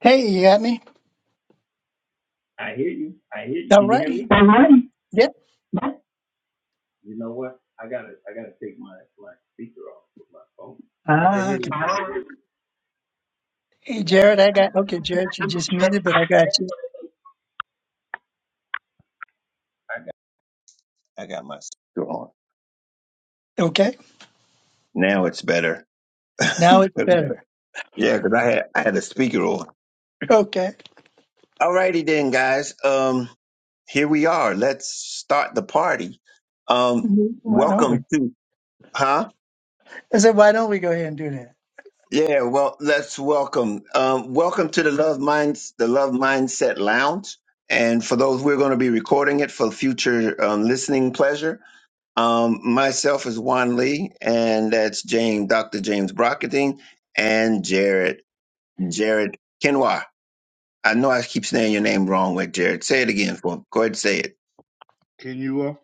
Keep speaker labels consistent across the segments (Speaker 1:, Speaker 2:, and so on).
Speaker 1: Hey, you got me? All right. Yep.
Speaker 2: I can
Speaker 1: Ah,
Speaker 2: hear you.
Speaker 1: okay.
Speaker 2: Jimmy.
Speaker 3: I
Speaker 1: Hey, Jared, I got, okay, Jared, you just muted, but I got you.
Speaker 3: got my speaker on.
Speaker 1: Okay.
Speaker 3: Now it's better. yeah,
Speaker 1: Now it's better.
Speaker 3: because I had I had a speaker on.
Speaker 1: Okay.
Speaker 3: Alrighty then, guys. Um, here we are. Let's start the party. Um,
Speaker 1: Why don't we?
Speaker 3: welcome to huh?
Speaker 1: I said, why don't we go ahead and do that?
Speaker 3: Yeah, well, let's welcome. Um, welcome to the Love Minds, the Love Mindset Lounge. And for those, we're going to be recording it for future um, listening pleasure. Um, myself is Juan Lee, and that's James, Dr. James Brockerding, and Jared, Jared Kenwa. I know I keep saying your name wrong with Jared. Say it again for me. Go ahead and say it.
Speaker 2: Can you? Uh,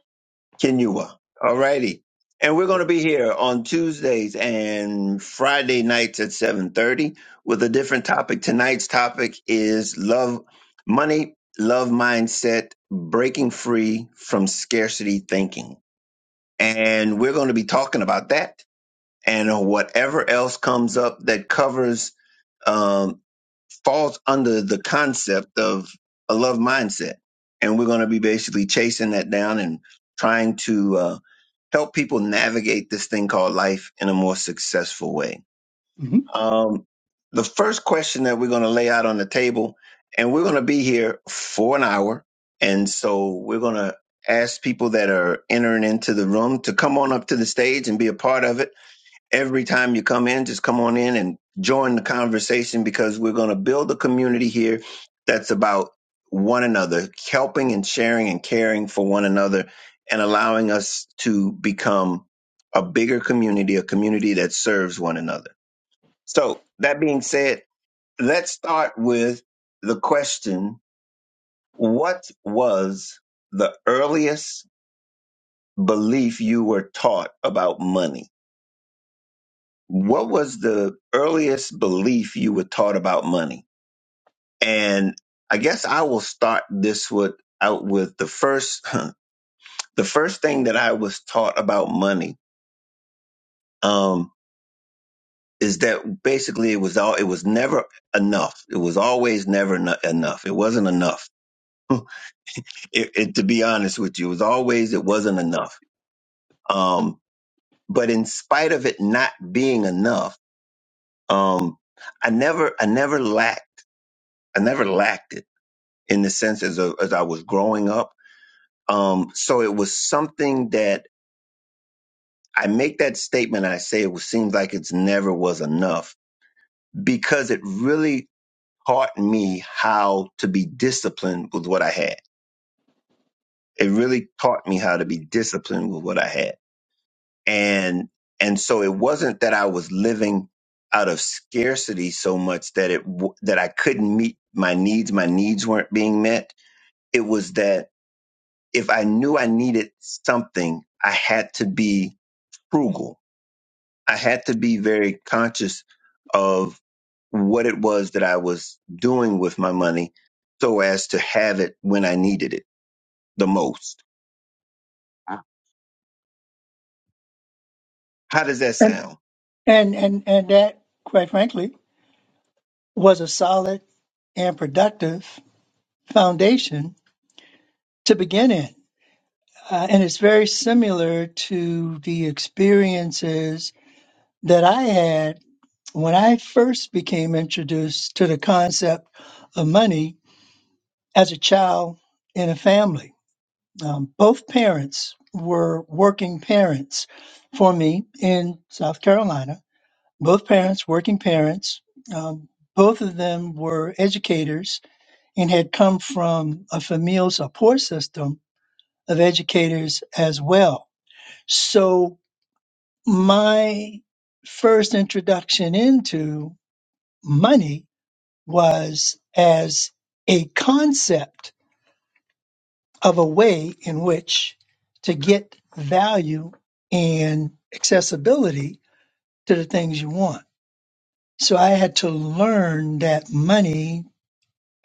Speaker 3: Kenua. All righty. And we're going
Speaker 2: Yep.
Speaker 3: to be here on Tuesdays and Friday nights at 7.30 with a different topic. Tonight's topic is love, money, love mindset, breaking free from scarcity thinking. And we're going to be talking about that and on whatever else comes up that covers um, falls under the concept of a love mindset. And we're going to be basically chasing that down and trying to uh, help people navigate this thing called life in a more successful way.
Speaker 1: hmm
Speaker 3: Um, the first question that we're going to lay out on the table, and we're going to be here for an hour. And so we're going to ask people that are entering into the room to come on up to the stage and be a part of it every time you come in, just come on in and join the conversation because we're going to build a community here that's about one another, helping and sharing and caring for one another and allowing us to become a bigger community, a community that serves one another. So, that being said, let's start with the question What was the earliest belief you were taught about money? what was the earliest belief you were taught about money? And I guess I will start this with out with the first the first thing that I was taught about money um, is that basically it was all it was never enough. It was always never eno- enough. It wasn't enough. it, it, to be honest with you, it was always it wasn't enough. Um, but in spite of it not being enough, um, I never I never lacked. I never lacked it in the sense as a, as I was growing up. Um, so it was something that I make that statement. I say it was, seems like it's never was enough because it really taught me how to be disciplined with what I had. It really taught me how to be disciplined with what I had, and and so it wasn't that I was living out of scarcity so much that it w- that I couldn't meet my needs. My needs weren't being met. It was that if I knew I needed something, I had to be frugal. I had to be very conscious of what it was that I was doing with my money so as to have it when I needed it the most. How does that
Speaker 1: And,
Speaker 3: sound?
Speaker 1: and, and, and that, quite frankly, was a solid and productive foundation to begin in. Uh, and it's very similar to the experiences that I had when I first became introduced to the concept of money as a child in a family. Um, both parents were working parents for me in South Carolina. Both parents, working parents. Um, both of them were educators and had come from a familial support system of educators as well. So my first introduction into money was as a concept of a way in which to get value and accessibility to the things you want. So I had to learn that money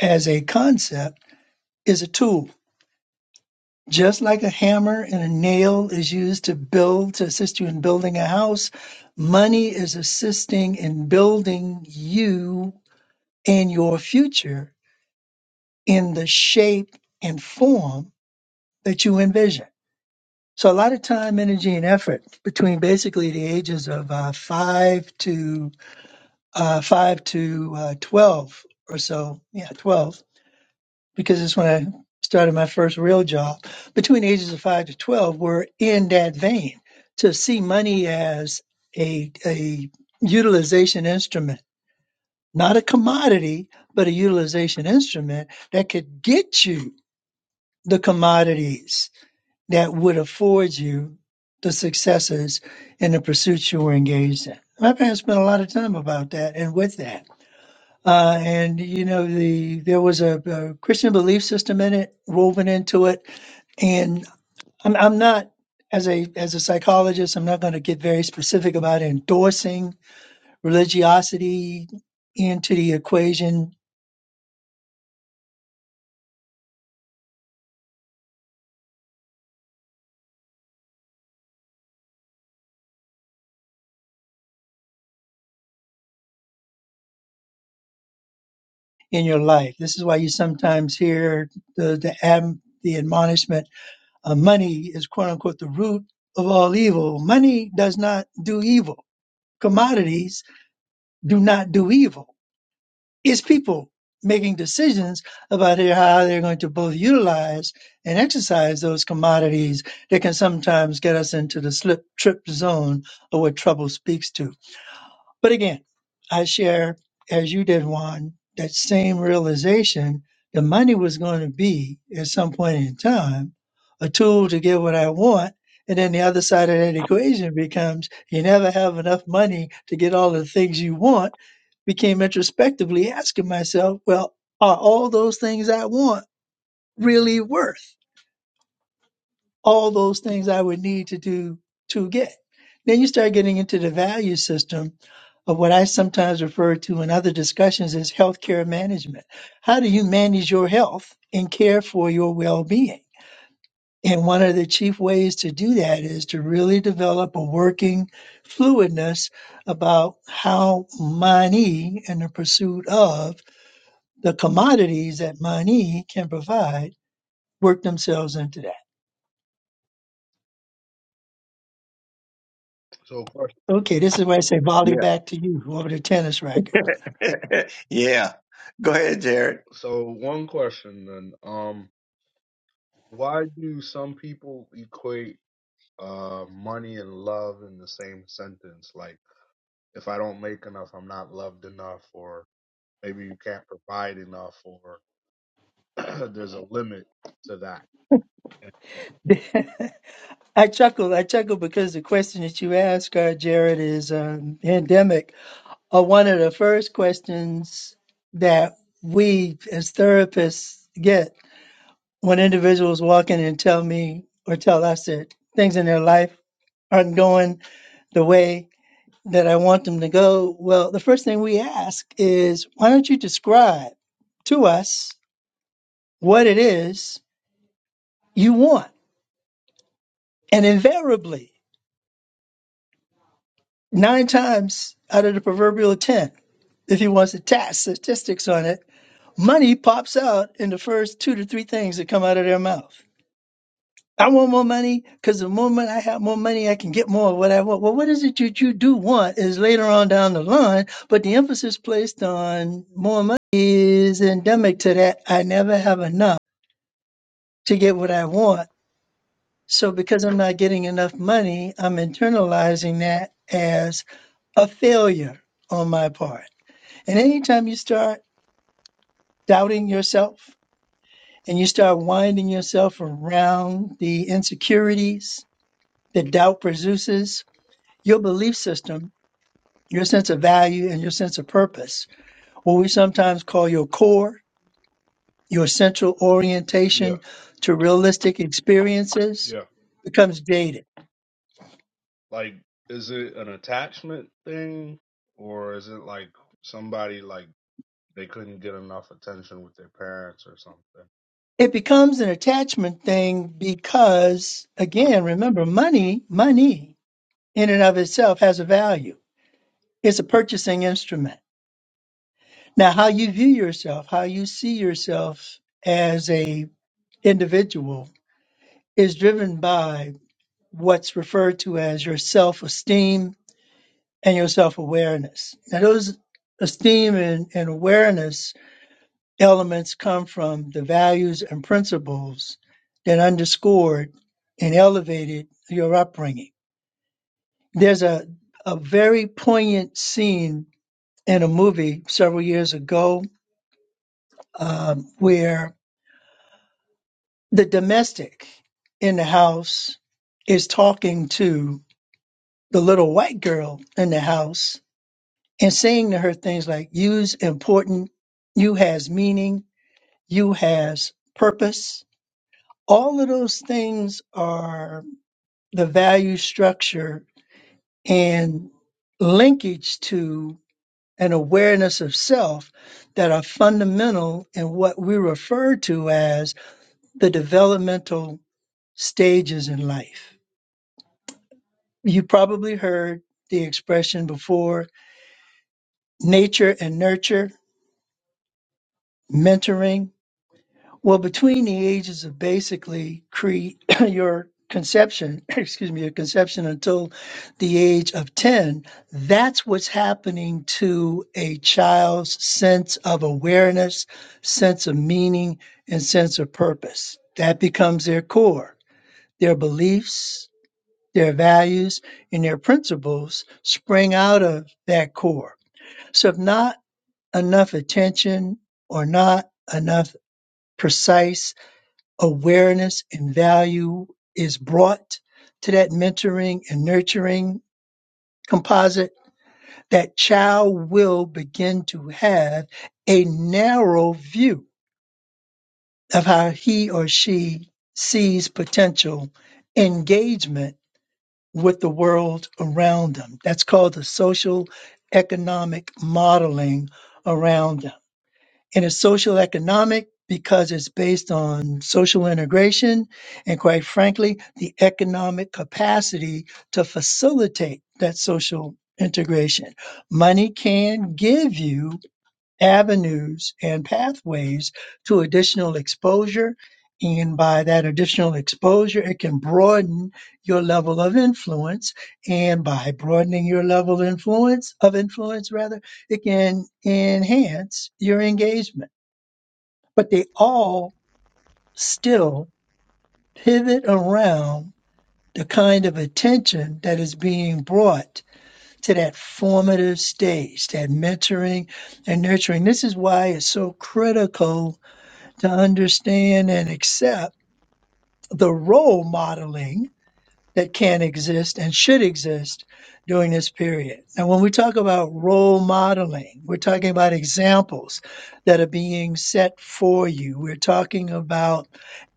Speaker 1: as a concept is a tool. Just like a hammer and a nail is used to build, to assist you in building a house, money is assisting in building you and your future in the shape and form that you envision. So a lot of time, energy, and effort between basically the ages of uh, five to uh, five to uh, twelve or so. Yeah, twelve, because that's when I started my first real job. Between the ages of five to twelve, were in that vein to see money as a a utilization instrument, not a commodity, but a utilization instrument that could get you the commodities that would afford you the successes in the pursuits you were engaged in. My parents spent a lot of time about that and with that. Uh, and you know, the there was a, a Christian belief system in it woven into it. And I'm, I'm not as a as a psychologist, I'm not going to get very specific about endorsing religiosity into the equation in your life. This is why you sometimes hear the the, ad, the admonishment Uh, money is quote unquote the root of all evil. Money does not do evil. Commodities do not do evil. It's people making decisions about how they're going to both utilize and exercise those commodities that can sometimes get us into the slip trip zone of what trouble speaks to. But again, I share, as you did, Juan, that same realization the money was going to be at some point in time a tool to get what I want. And then the other side of that equation becomes you never have enough money to get all the things you want. Became introspectively asking myself, well, are all those things I want really worth? all those things I would need to do to get. Then you start getting into the value system of what I sometimes refer to in other discussions as healthcare management. How do you manage your health and care for your well being? And one of the chief ways to do that is to really develop a working fluidness about how money and the pursuit of the commodities that money can provide work themselves into that.
Speaker 2: So, question,
Speaker 1: Okay, this is why I say volley
Speaker 3: Yeah.
Speaker 1: back to you over the tennis racket.
Speaker 3: yeah. Go ahead, Jared.
Speaker 2: so one question then. Um, why do some people equate uh money and love in the same sentence? Like, if I don't make enough, I'm not loved enough, or maybe you can't provide enough, or there's a limit to that.
Speaker 1: I chuckle. I chuckle because the question that you ask, uh, Jared, is um, pandemic are one of the first questions that we as therapists get when individuals walk in and tell me or tell us that things in their life aren't going the way that I want them to go. Well, the first thing we ask is, why don't you describe to us what it is you want? And invariably, nine times out of the proverbial 10, if he wants to task statistics on it, money pops out in the first two to three things that come out of their mouth. I want more money because the moment I have more money, I can get more of what I want. Well, what is it that you do want is later on down the line, but the emphasis placed on more money is endemic to that. I never have enough to get what I want. So because I'm not getting enough money, I'm internalizing that as a failure on my part. And anytime you start doubting yourself and you start winding yourself around the insecurities that doubt produces, your belief system, your sense of value, and your sense of purpose, what we sometimes call your core, your central
Speaker 2: Yeah,
Speaker 1: orientation to realistic experiences,
Speaker 2: yeah.
Speaker 1: becomes jaded.
Speaker 2: Like, is it an attachment thing, or is it like somebody like they couldn't get enough attention with their parents or something?
Speaker 1: It becomes an attachment thing because, again, remember, money, money in and of itself has a value It's a purchasing instrument. Now, how you view yourself, how you see yourself as a individual is driven by what's referred to as your self-esteem and your self-awareness. Now, those esteem and, and awareness elements come from the values and principles that underscored and elevated your upbringing. There's a, a very poignant scene in a movie several years ago um, where the domestic in the house is talking to the little white girl in the house and saying to her things like you's important you has meaning you has purpose all of those things are the value structure and linkage to an awareness of self that are fundamental in what we refer to as the developmental stages in life. You probably heard the expression before nature and nurture, mentoring. Well, between the ages of basically cre- your conception, excuse me, your conception until the age of 10, that's what's happening to a child's sense of awareness, sense of meaning, and sense of purpose. That becomes their core, their beliefs, their values and their principles spring out of that core. So if not enough attention or not enough precise awareness and value is brought to that mentoring and nurturing composite, that child will begin to have a narrow view of how he or she sees potential engagement with the world around them. That's called the social economic modeling around them. And it's social economic because it's based on social integration and, quite frankly, the economic capacity to facilitate that social integration. Money can give you avenues and pathways to additional exposure. And by that additional exposure, it can broaden your level of influence. And by broadening your level of influence, of influence rather, it can enhance your engagement. But they all still pivot around the kind of attention that is being brought to that formative stage, that mentoring and nurturing. This is why it's so critical to understand and accept the role modeling that can exist and should exist during this period. And when we talk about role modeling, we're talking about examples that are being set for you. We're talking about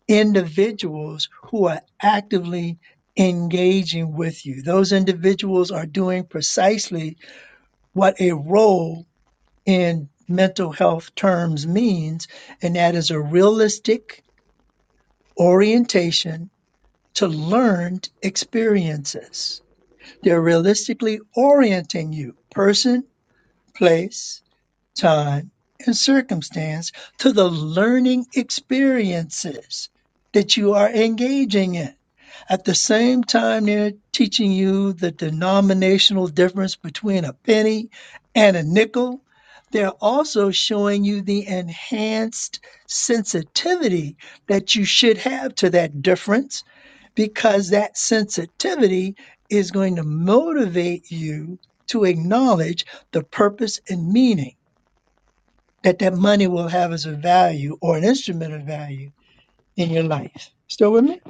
Speaker 1: individuals who are actively engaging with you. Those individuals are doing precisely what a role in mental health terms means, and that is a realistic orientation to learned experiences. They're realistically orienting you, person, place, time, and circumstance, to the learning experiences that you are engaging in. At the same time, they're teaching you the denominational difference between a penny and a nickel. They're also showing you the enhanced sensitivity that you should have to that difference because that sensitivity is going to motivate you to acknowledge the purpose and meaning that that money will have as a value or an instrument of value in your life. Still with me?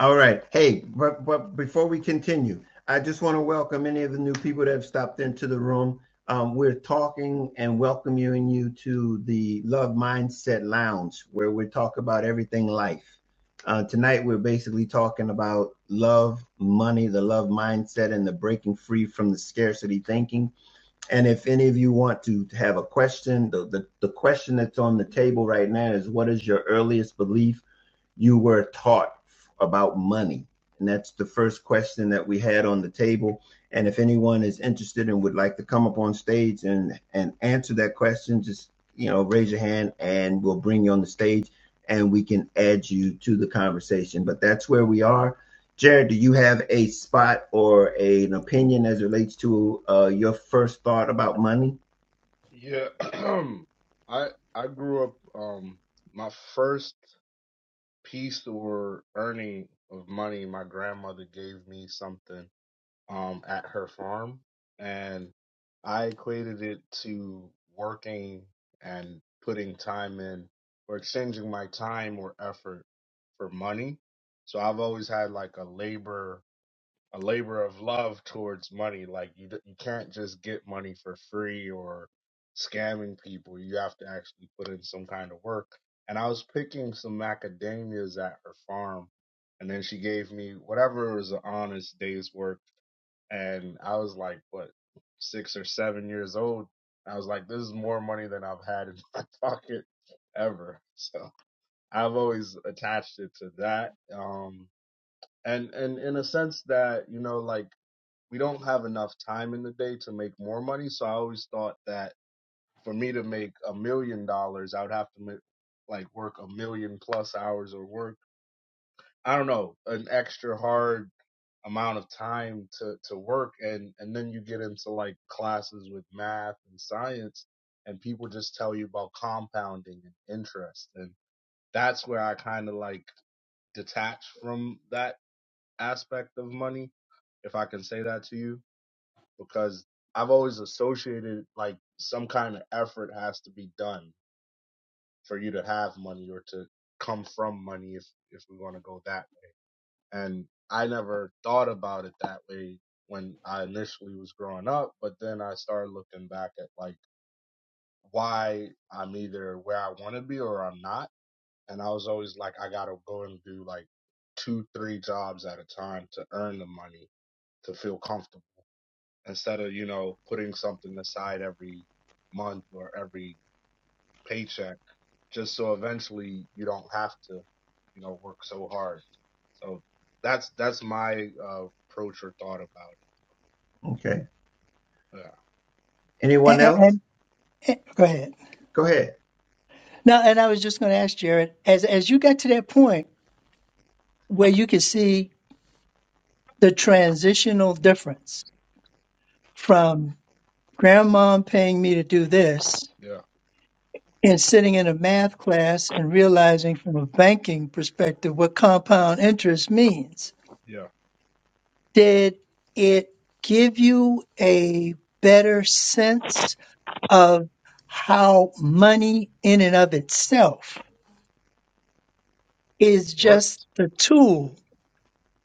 Speaker 3: All right. Hey, but, but before we continue, I just want to welcome any of the new people that have stopped into the room. Um, we're talking and welcoming you to the Love Mindset Lounge, where we talk about everything life. Uh, tonight, we're basically talking about love, money, the love mindset, and the breaking free from the scarcity thinking. And if any of you want to have a question, the, the, the question that's on the table right now is what is your earliest belief you were taught about money? And that's the first question that we had on the table. And if anyone is interested and would like to come up on stage and, and answer that question, just you know, raise your hand and we'll bring you on the stage and we can add you to the conversation. But that's where we are. Jared, do you have a spot or a, an opinion as it relates to uh, your first thought about money?
Speaker 2: Yeah, I I grew up. Um, my first piece or earning of money, my grandmother gave me something um at her farm, and I equated it to working and putting time in or exchanging my time or effort for money. So I've always had like a labor a labor of love towards money. Like you, d- you can't just get money for free or scamming people. You have to actually put in some kind of work. And I was picking some macadamias at her farm, and then she gave me whatever was an honest day's work. And I was like, what, six or seven years old. I was like, this is more money than I've had in my pocket ever. So I've always attached it to that. Um, and and in a sense that you know, like we don't have enough time in the day to make more money. So I always thought that for me to make a million dollars, I would have to make, like work a million plus hours or work, I don't know, an extra hard amount of time to, to work. And, and then you get into like classes with math and science and people just tell you about compounding and interest. And that's where I kind of like detach from that aspect of money, if I can say that to you because I've always associated like some kind of effort has to be done for you to have money or to come from money if if we want to go that way. And I never thought about it that way when I initially was growing up, but then I started looking back at like why I'm either where I want to be or I'm not. And I was always like, I gotta go and do like two, three jobs at a time to earn the money to feel comfortable instead of you know putting something aside every month or every paycheck just so eventually you don't have to you know work so hard so that's that's my uh, approach or thought about
Speaker 3: Okay.
Speaker 2: it yeah
Speaker 3: Anyone
Speaker 1: And,
Speaker 3: else?
Speaker 1: and- and- go ahead.
Speaker 3: Go ahead.
Speaker 1: Now, and I was just going to ask Jared, as as you got to that point where you could see the transitional difference from grandmom paying me to do this
Speaker 2: yeah
Speaker 1: and sitting in a math class and realizing from a banking perspective what compound interest means.
Speaker 2: yeah
Speaker 1: Did it give you a better sense of how money in and of itself is
Speaker 2: work
Speaker 1: just the tool?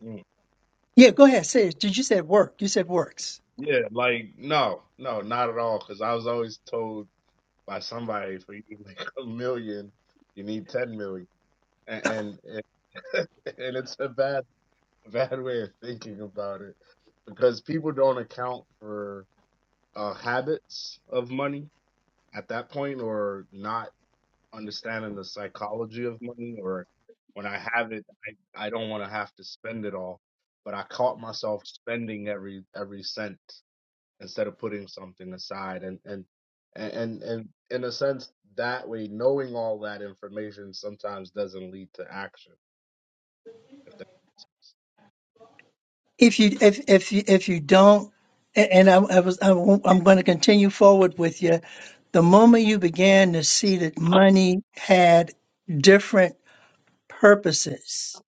Speaker 2: Mm.
Speaker 1: Yeah, go ahead. Say it. Did you said work? You said works.
Speaker 2: yeah like no no not at all because i was always told by somebody for you to make a million you need 10 million and and, and it's a bad bad way of thinking about it because people don't account for uh, habits of money at that point or not understanding the psychology of money or when I have it, I, I don't want to have to spend it all. But I caught myself spending every every cent instead of putting something aside and and and and, and in a sense that way knowing all that information sometimes doesn't lead to action if that
Speaker 1: if you if if you if you don't a- and I, I was I won't- I'm going to continue forward with you the moment you began to see that money had different purposes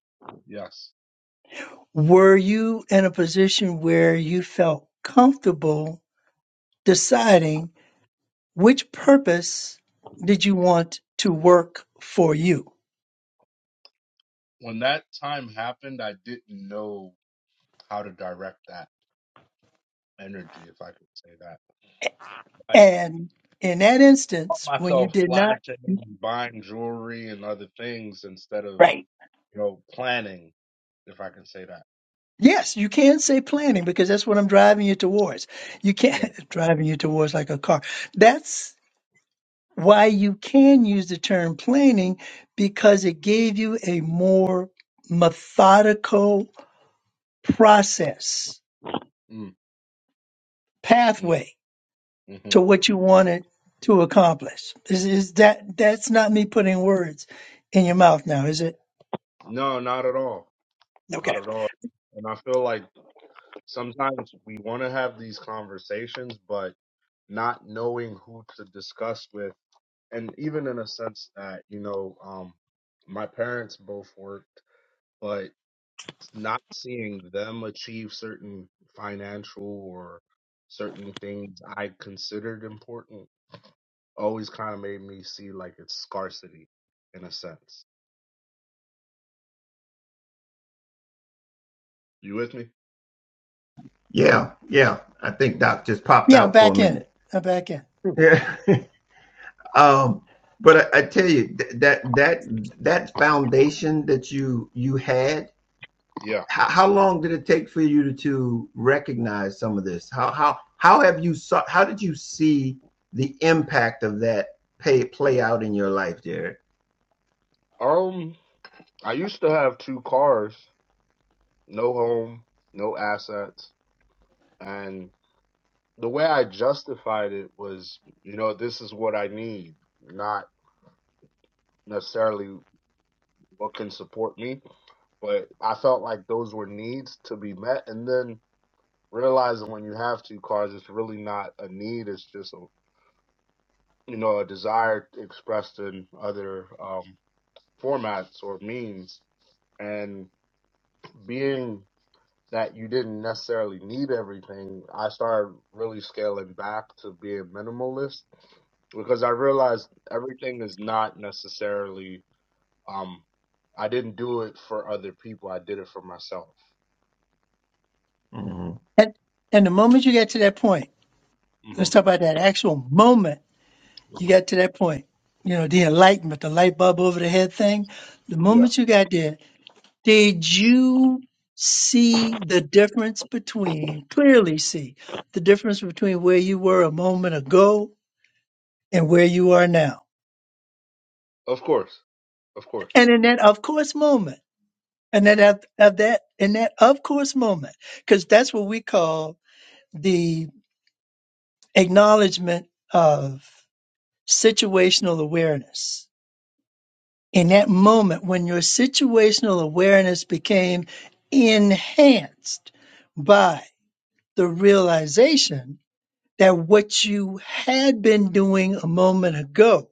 Speaker 2: yes
Speaker 1: were you in a position where you felt comfortable deciding which purpose did you want to work for you
Speaker 2: when that time happened, I didn't know how to direct that energy, if I could say that. I
Speaker 1: and in that
Speaker 2: caught
Speaker 1: instance when you
Speaker 2: myself
Speaker 1: did not
Speaker 2: flashing and buying jewelry and other things instead of,
Speaker 1: right.
Speaker 2: you know, planning, if I can say that.
Speaker 1: Yes, you can say planning because that's what I'm driving you towards. You
Speaker 2: Yeah.
Speaker 1: can't driving you towards like a car. That's why you can use the term planning because it gave you a more methodical process,
Speaker 2: Mm, mm,
Speaker 1: pathway to
Speaker 2: hmm
Speaker 1: what you wanted to accomplish. Is, is that that's not me putting words in your mouth now, is it?
Speaker 2: No, not at all. Not
Speaker 1: Okay.
Speaker 2: at all. And I feel like sometimes we want to have these conversations, but not knowing who to discuss with. And even in a sense that, you know, um, my parents both worked, but. not seeing them achieve certain financial or certain things I considered important always kind of made me see like it's scarcity in a sense. You with me?
Speaker 3: Yeah, yeah. I think Doc just popped
Speaker 1: Yeah, I'm
Speaker 3: out for a
Speaker 1: back
Speaker 3: minute.
Speaker 1: in. I'm back in.
Speaker 3: Yeah. um, but I, I tell you th- that that that foundation that you you had,
Speaker 2: Okay. Yeah.
Speaker 3: how, how long did it take for you to, to recognize some of this? How how how have you saw, how did you see the impact of that pay play out in your life, Jared?
Speaker 2: Um, I used to have two cars, no home, no assets, and the way I justified it was, you know, this is what I need, not necessarily what can support me, but I felt like those were needs to be met. And then realizing when you have two cars, it's really not a need. It's just a you know a desire expressed in other um, formats or means. And being that you didn't necessarily need everything, I started really scaling back to being minimalist because I realized everything is not necessarily. Um, I didn't do it for other people. I did it for myself.
Speaker 3: hmm
Speaker 1: And and the moment you get to that point,
Speaker 2: hmm
Speaker 1: let's talk about that actual moment You
Speaker 2: hmm
Speaker 1: got to that point. You know, the enlightenment, the light bulb over the head thing. The
Speaker 2: Yeah,
Speaker 1: moment you got there, did you see the difference between, clearly see the difference between where you were a moment ago and where you are now?
Speaker 2: of course, of course.
Speaker 1: And in that of course moment, and that of, of that, in that of course moment, because that's what we call the acknowledgement of situational awareness in that moment when your situational awareness became enhanced by the realization that what you had been doing a moment ago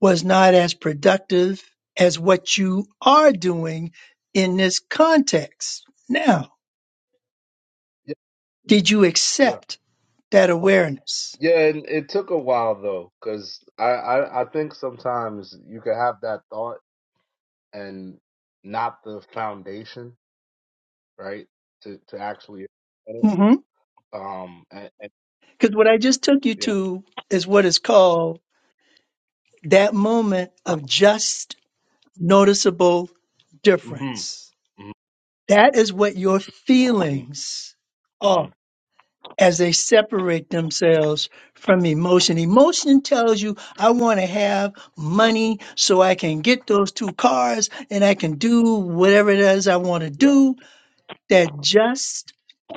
Speaker 1: was not as productive as what you are doing in this context. Now,
Speaker 2: Yeah,
Speaker 1: did you
Speaker 2: yeah.
Speaker 1: accept that awareness?
Speaker 2: Yeah, and it took a while though, because I, I I think sometimes you could have that thought and not the foundation, right? To to actually
Speaker 1: Because
Speaker 2: um and, and
Speaker 1: what I just took you
Speaker 2: yeah,
Speaker 1: to is what is called that moment of just noticeable
Speaker 2: hmm
Speaker 1: difference That is what your
Speaker 2: hmm
Speaker 1: feelings
Speaker 2: hmm
Speaker 1: are as they separate themselves from emotion. Emotion tells you, I want to have money so I can get those two cars and I can do whatever it is I want to
Speaker 2: yeah,
Speaker 1: do. That just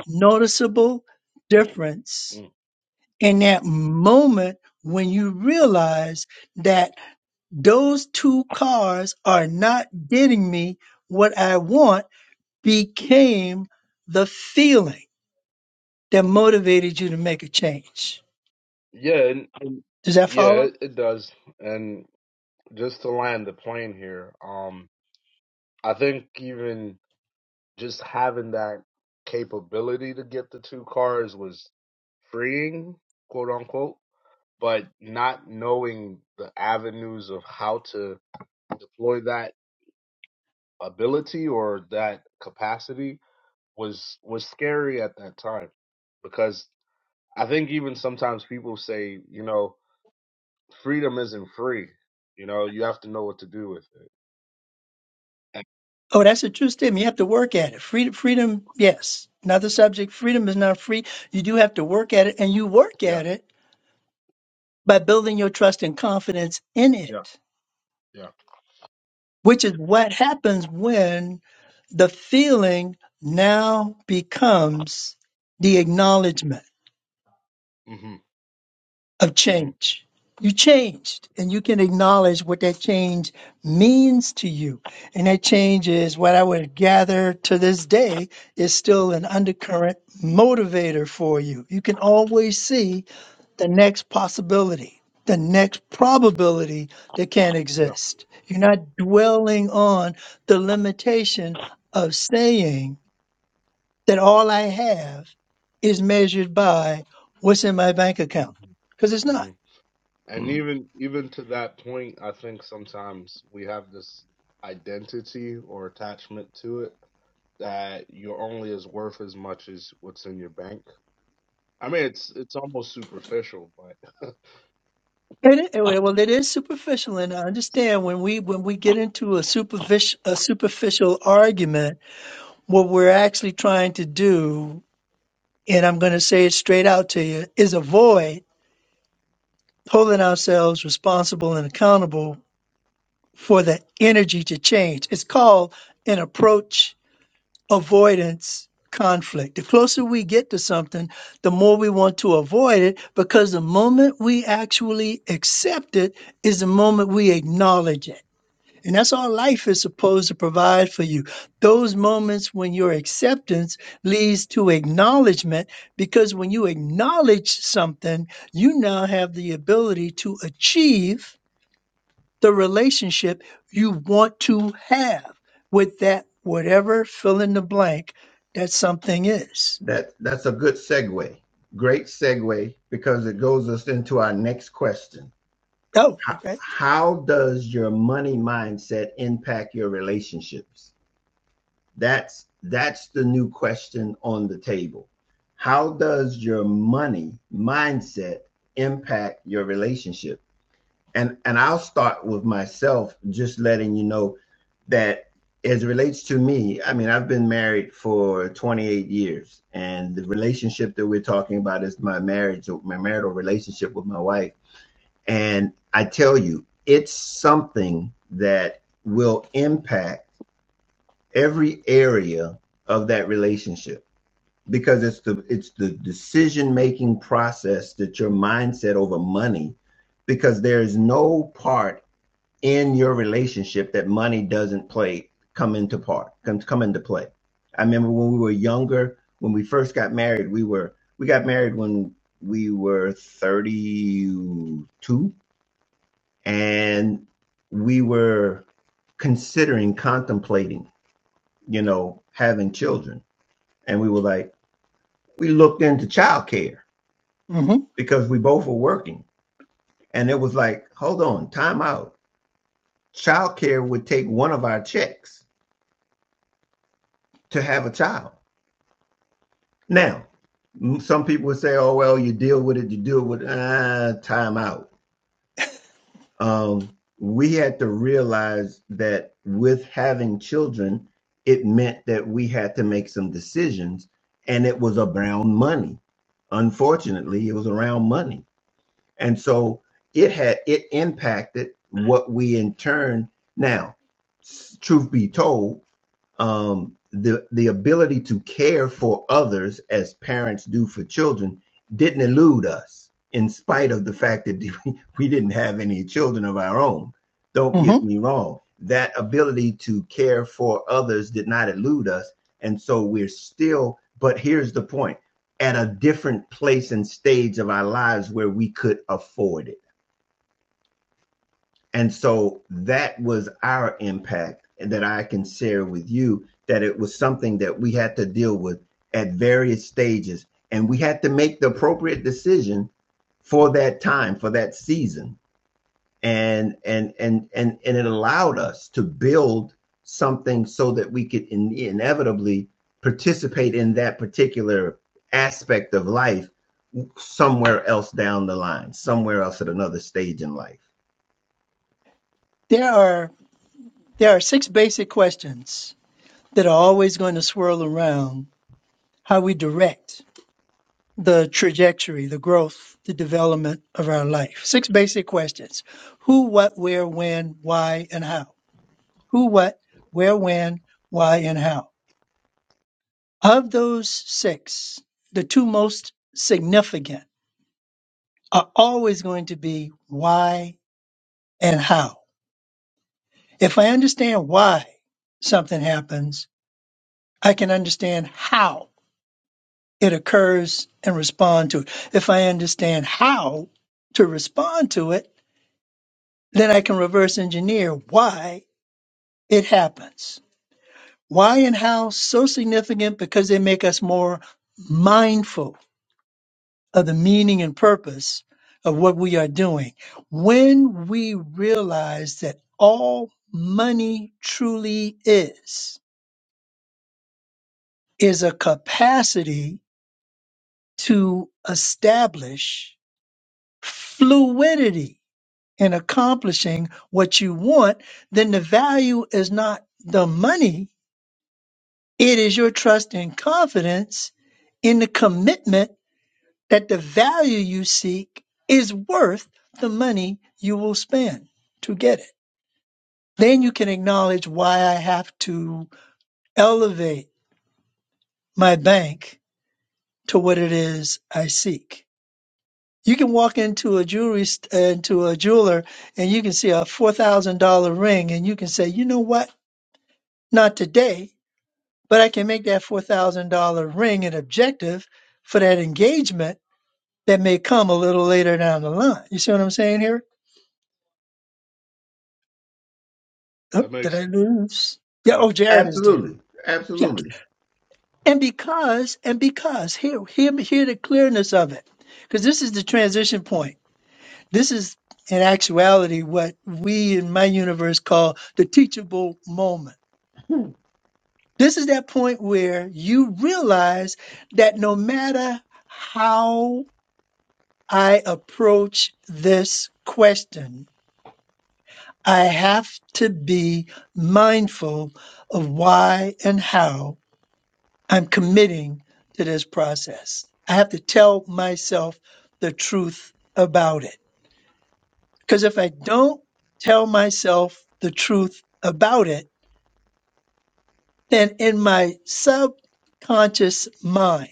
Speaker 1: noticeable difference
Speaker 2: mm.
Speaker 1: in that moment when you realize that those two cars are not getting me what I want became the feeling that motivated you to make a change.
Speaker 2: yeah, and, and
Speaker 1: Does that
Speaker 2: yeah,
Speaker 1: follow?
Speaker 2: it, it does. And just to land the plane here, um, I think even just having that capability to get the two cars was freeing, quote unquote but not knowing the avenues of how to deploy that ability or that capacity was was scary at that time because I think even sometimes people say, you know, freedom isn't free. You know, you have to know what to do with it. And-
Speaker 1: Oh, that's a true statement. You have to work at it. Freedom, freedom, yes. Another subject. Freedom is not free. You do have to work at it, and you work
Speaker 2: yeah,
Speaker 1: at it by building your trust and confidence in
Speaker 2: yeah,
Speaker 1: it,
Speaker 2: yeah.
Speaker 1: which is what happens when the feeling now becomes the acknowledgement.
Speaker 2: Mhm.
Speaker 1: of
Speaker 2: Mhm.
Speaker 1: change. You changed, and you can acknowledge what that change means to you. And that change is what I would gather to this day is still an undercurrent motivator for you. You can always see the next possibility, the next probability that can
Speaker 2: Yeah.
Speaker 1: exist. You're not dwelling on the limitation of saying that all I have is measured by what's in my bank account,
Speaker 2: Mhm.
Speaker 1: because it's not
Speaker 2: Mhm. And even even to that point, I think sometimes we have this identity or attachment to it that you're only as worth as much as what's in your bank. I mean, it's it's almost superficial, but
Speaker 1: It, i- well, it is superficial, and I understand when we when we get into a superficial a superficial argument, what we're actually trying to do, and I'm going to say it straight out to you, is avoid holding ourselves responsible and accountable for the energy to change. It's called an approach avoidance conflict. The closer we get to something, the more we want to avoid it because the moment we actually accept it is the moment we acknowledge it. And that's all life is supposed to provide for you. Those moments when your acceptance leads to acknowledgement, because when you acknowledge something, you now have the ability to achieve the relationship you want to have with that, whatever fill in the blank that something is.
Speaker 3: That that's a good segue. Great segue because it goes us into our next question.
Speaker 1: Oh,
Speaker 3: How,
Speaker 1: okay.
Speaker 3: how does your money mindset impact your relationships? That's that's the new question on the table. How does your money mindset impact your relationship? And and I'll start with myself, just letting you know that as it relates to me, I mean, I've been married for 28 years, and the relationship that we're talking about is my marriage, my marital relationship with my wife. And I tell you, it's something that will impact every area of that relationship because it's the it's the decision making process that your mindset over money because there is no part in your relationship that money doesn't play come into part come, come into play i remember when we were younger when we first got married we were we got married when we were 32 and we were considering contemplating you know having children and we were like, we looked into childcare
Speaker 1: hmm
Speaker 3: because we both were working. And it was like, hold on, time out. Childcare would take one of our checks to have a child. Now, some people would say, oh, well, you deal with it, you deal with it. Ah, time out. Um, we had to realize that with having children, it meant that we had to make some decisions, and it was around money. Unfortunately, it was around money And so it had it impacted what we in turn now, truth be told, um, the the ability to care for others as parents do for children didn't elude us in spite of the fact that we didn't have any children of our own don't
Speaker 1: hmm
Speaker 3: get me wrong that ability to care for others did not elude us and so we're still but here's the point at a different place and stage of our lives where we could afford it and so that was our impact that I can share with you that it was something that we had to deal with at various stages. And we had to make the appropriate decision for that time, for that season. And and and and and it allowed us to build something so that we could in, inevitably participate in that particular aspect of life somewhere else down the line, somewhere else at another stage in life.
Speaker 1: There are there are six basic questions that are always going to swirl around how we direct the trajectory, the growth, the development of our life. Six basic questions who, what, where, when, why, and how. Who, what, where, when, why, and how. Of those six, the two most significant are always going to be why and how. If I understand why something happens, I can understand how it occurs and respond to it. If I understand how to respond to it, then I can reverse engineer why it happens. Why and how so significant because they make us more mindful of the meaning and purpose of what we are doing. When we realize that all money truly is, is a capacity to establish fluidity in accomplishing what you want, then the value is not the money It is your trust and confidence in the commitment that the value you seek is worth the money you will spend to get it. Then you can acknowledge why I have to elevate my bank to what it is I seek. You can walk into a jewelry st- uh, into a jeweler and you can see a four thousand dollar ring and you can say, you know what? Not today, but I can make that four thousand dollar ring an objective for that engagement that may come a little later down the line. You see what I'm saying here? Oh,
Speaker 2: that
Speaker 1: did
Speaker 2: makes
Speaker 1: I lose? Yeah.
Speaker 2: yeah.
Speaker 1: Oh, Jared is there.
Speaker 3: Absolutely,
Speaker 1: Yeah.
Speaker 3: absolutely,
Speaker 1: And because, and because, here, hear, hear the clearness of it. Because this is the transition point. This is, in actuality, what we in my universe call the teachable moment. This is that point where you realize that no matter how I approach this question, I have to be mindful of why and how I'm committing to this process. I have to tell myself the truth about it. Because if I don't tell myself the truth about it, then in my subconscious mind,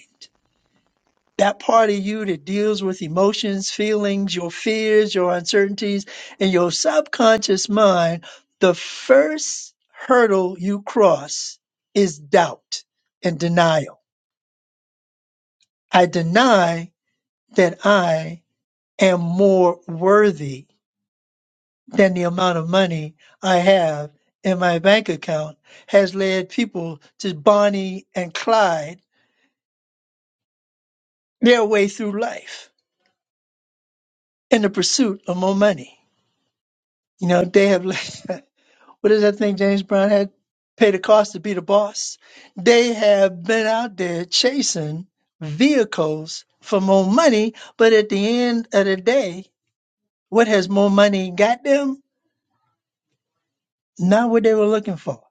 Speaker 1: that part of you that deals with emotions, feelings, your fears, your uncertainties, and your subconscious mind, the first hurdle you cross is doubt and denial. I deny that I am more worthy than the amount of money I have in my bank account has led people to Bonnie and Clyde their way through life in the pursuit of more money. You know, they have What is that thing James Brown had? Pay the cost to be the boss. They have been out there chasing vehicles for more money, but at the end of the day, what has more money got them? Not what they were looking for.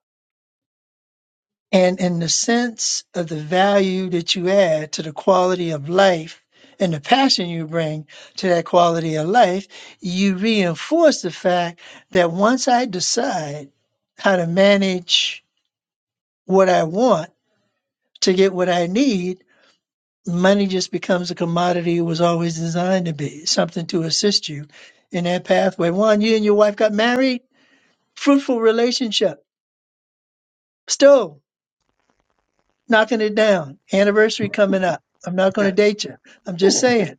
Speaker 1: And in the sense of the value that you add to the quality of life and the passion you bring to that quality of life, you reinforce the fact that once I decide how to manage what I want, to get what I need, money just becomes a commodity it was always designed to be, something to assist you in that pathway. One, you and your wife got married, fruitful relationship, still knocking it down, anniversary coming up. I'm not going to date you. I'm just saying.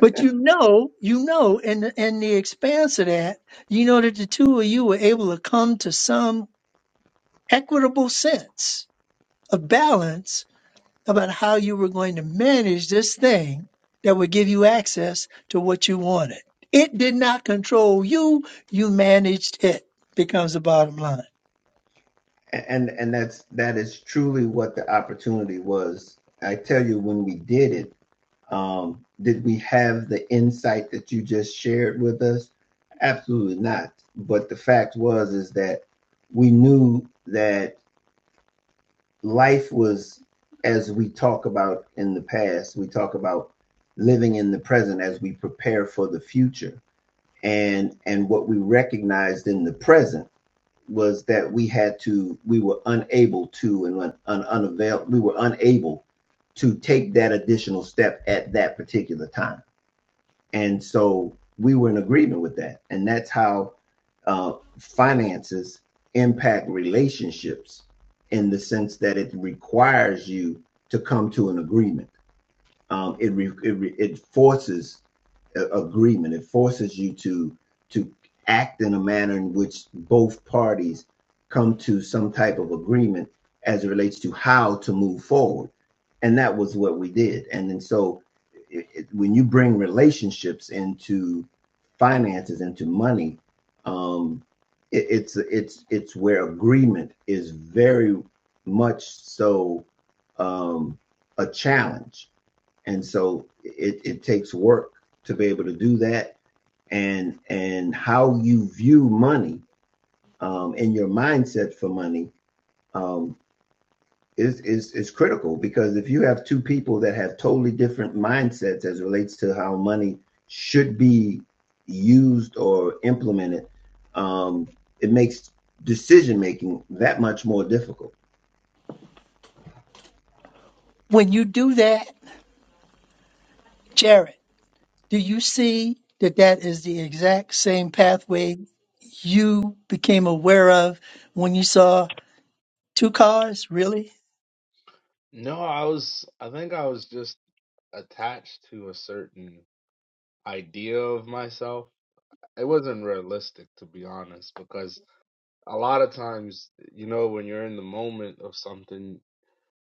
Speaker 1: But you know, you know, in the, in the expanse of that, you know that the two of you were able to come to some equitable sense of balance about how you were going to manage this thing that would give you access to what you wanted. It did not control you, you managed it, becomes the bottom line.
Speaker 3: A- and and that's that is truly what the opportunity was. I tell you, when we did it, um, did we have the insight that you just shared with us? Absolutely not. But the fact was is that we knew that life was as we talk about in the past. We talk about living in the present as we prepare for the future, and and what we recognized in the present was that we had to, we were unable to, and un, un, unavail, we were unable to take that additional step at that particular time. And so we were in agreement with that. And that's how uh, finances impact relationships in the sense that it requires you to come to an agreement. Um, it, re, it, it forces agreement. It forces you to to act in a manner in which both parties come to some type of agreement as it relates to how to move forward. And that was what we did. And then so it, it, when you bring relationships into finances, into money, um, it, it's it's it's where agreement is very much so um, a challenge and so it, it takes work to be able to do that and and how you view money um, and your mindset for money um, is, is is critical because if you have two people that have totally different mindsets as it relates to how money should be used or implemented um, it makes decision making that much more difficult
Speaker 1: When you do that, Jared, do you see that that is the exact same pathway you became aware of when you saw two cars, really?
Speaker 2: No, I was I think I was just attached to a certain idea of myself. It wasn't realistic to be honest because a lot of times, you know, when you're in the moment of something,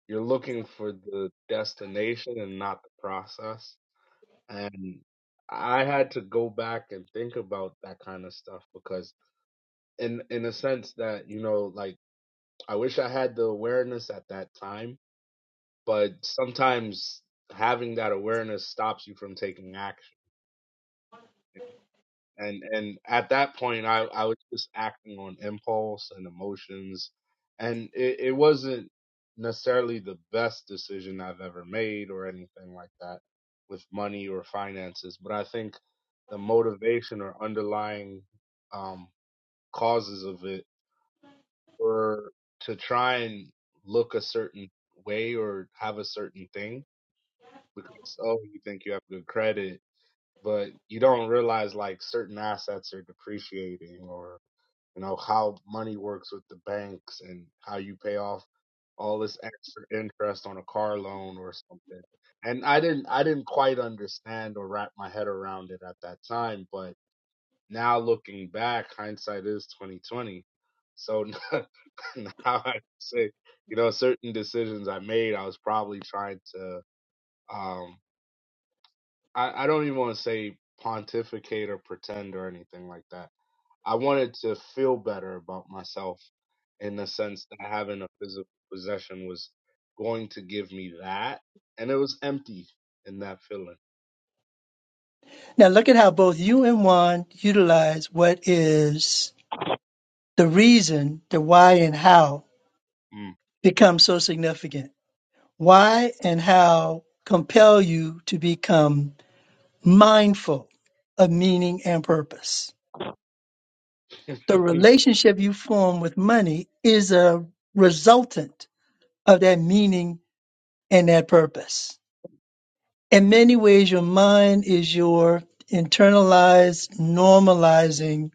Speaker 2: You're looking for the destination and not the process. And I had to go back and think about that kind of stuff because in in a sense that, you know, like I wish I had the awareness at that time, but sometimes having that awareness stops you from taking action. and and at that point i i was just acting on impulse and emotions and it, it wasn't necessarily the best decision i've ever made or anything like that with money or finances but i think the motivation or underlying um causes of it were to try and look a certain way or have a certain thing because oh you think you have good credit but you don't realize like certain assets are depreciating or you know how money works with the banks and how you pay off all this extra interest on a car loan or something and i didn't i didn't quite understand or wrap my head around it at that time but now looking back hindsight is 2020 so now i say you know certain decisions i made i was probably trying to um i, I don't even want to say pontificate or pretend or anything like that I wanted to feel better about myself in the sense that having a physical possession was going to give me that, and it was empty in that feeling.
Speaker 1: Now look at how both you and Juan utilize what is the reason, the why and how
Speaker 2: Mm.
Speaker 1: becomes so significant Why and how compel you to become mindful of meaning and purpose? The relationship you form with money is a resultant of that meaning and that purpose. In many ways, your mind is your internalized normalizing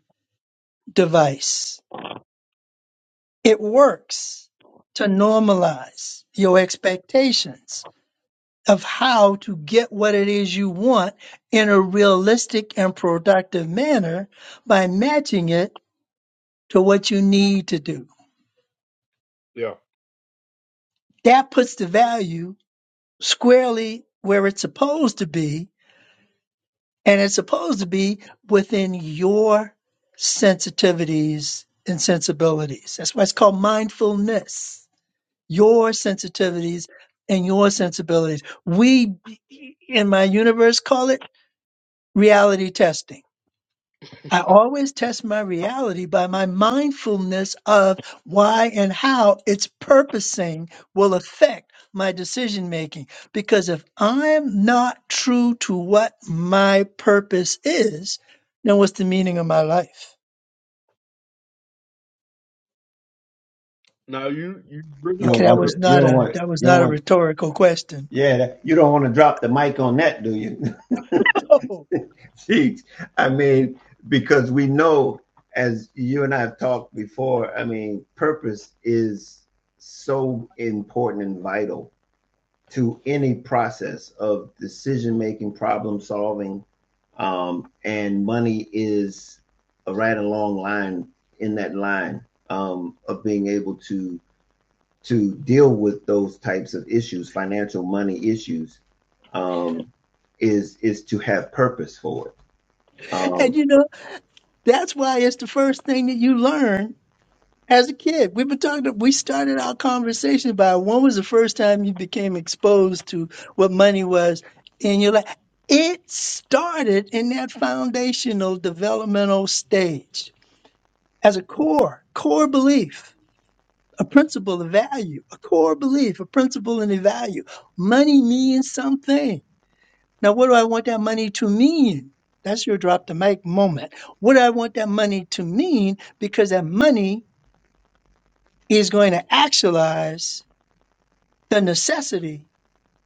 Speaker 1: device. It works to normalize your expectations of how to get what it is you want in a realistic and productive manner by matching it to what you need to do.
Speaker 2: yeah.
Speaker 1: That puts the value squarely where it's supposed to be, and it's supposed to be within your sensitivities and sensibilities. That's why it's called mindfulness. Your sensitivities and your sensibilities. We, in my universe, call it reality testing I always test my reality by my mindfulness of why and how its purposing will affect my decision making. Because if I'm not true to what my purpose is, then what's the meaning of my life?
Speaker 2: Now you you bring
Speaker 3: you
Speaker 2: up
Speaker 3: don't
Speaker 1: Okay, that
Speaker 3: want
Speaker 1: was
Speaker 3: that you
Speaker 1: not
Speaker 2: purpose,
Speaker 3: don't
Speaker 1: a
Speaker 3: want
Speaker 2: right?
Speaker 1: that was
Speaker 3: you don't
Speaker 1: not a
Speaker 3: want
Speaker 1: rhetorical question.
Speaker 3: yeah that, you don't want to drop the mic on that do you
Speaker 1: Oh,
Speaker 3: Jeez. I mean, because we know, as you and I have talked before, I mean, purpose is so important and vital to any process of decision making, problem solving, um, and money is a right along line in that line um, of being able to to deal with those types of issues, financial money issues, um, is is to have purpose for it. Um,
Speaker 1: and you know, that's why it's the first thing that you learn As a kid, we've been talking. To, We started our conversation by when was the first time you became exposed to what money was in your life? It started in that foundational developmental stage as a core, core belief, a principle, a value, a core belief, a principle, and a value. Money means something. Now, what do I want that money to mean? That's your drop the mic moment. What do I want that money to mean? Because that money is going to actualize the necessity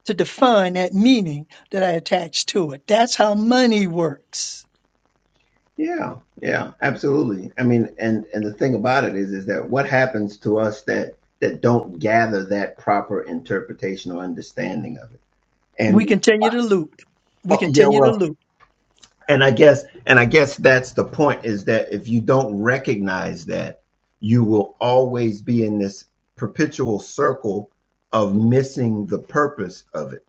Speaker 1: to define that meaning that I attach to it. That's how money works.
Speaker 3: Yeah, yeah, absolutely. I mean, and and the thing about it is, is that what happens to us that that don't gather that proper interpretation or understanding of it,
Speaker 1: We
Speaker 3: and
Speaker 1: continue to loop. We
Speaker 3: oh, yeah,
Speaker 1: continue to
Speaker 3: well,
Speaker 1: loop.
Speaker 3: and I guess and I guess that's the point is that if you don't recognize that, you will always be in this perpetual circle of missing the purpose of it,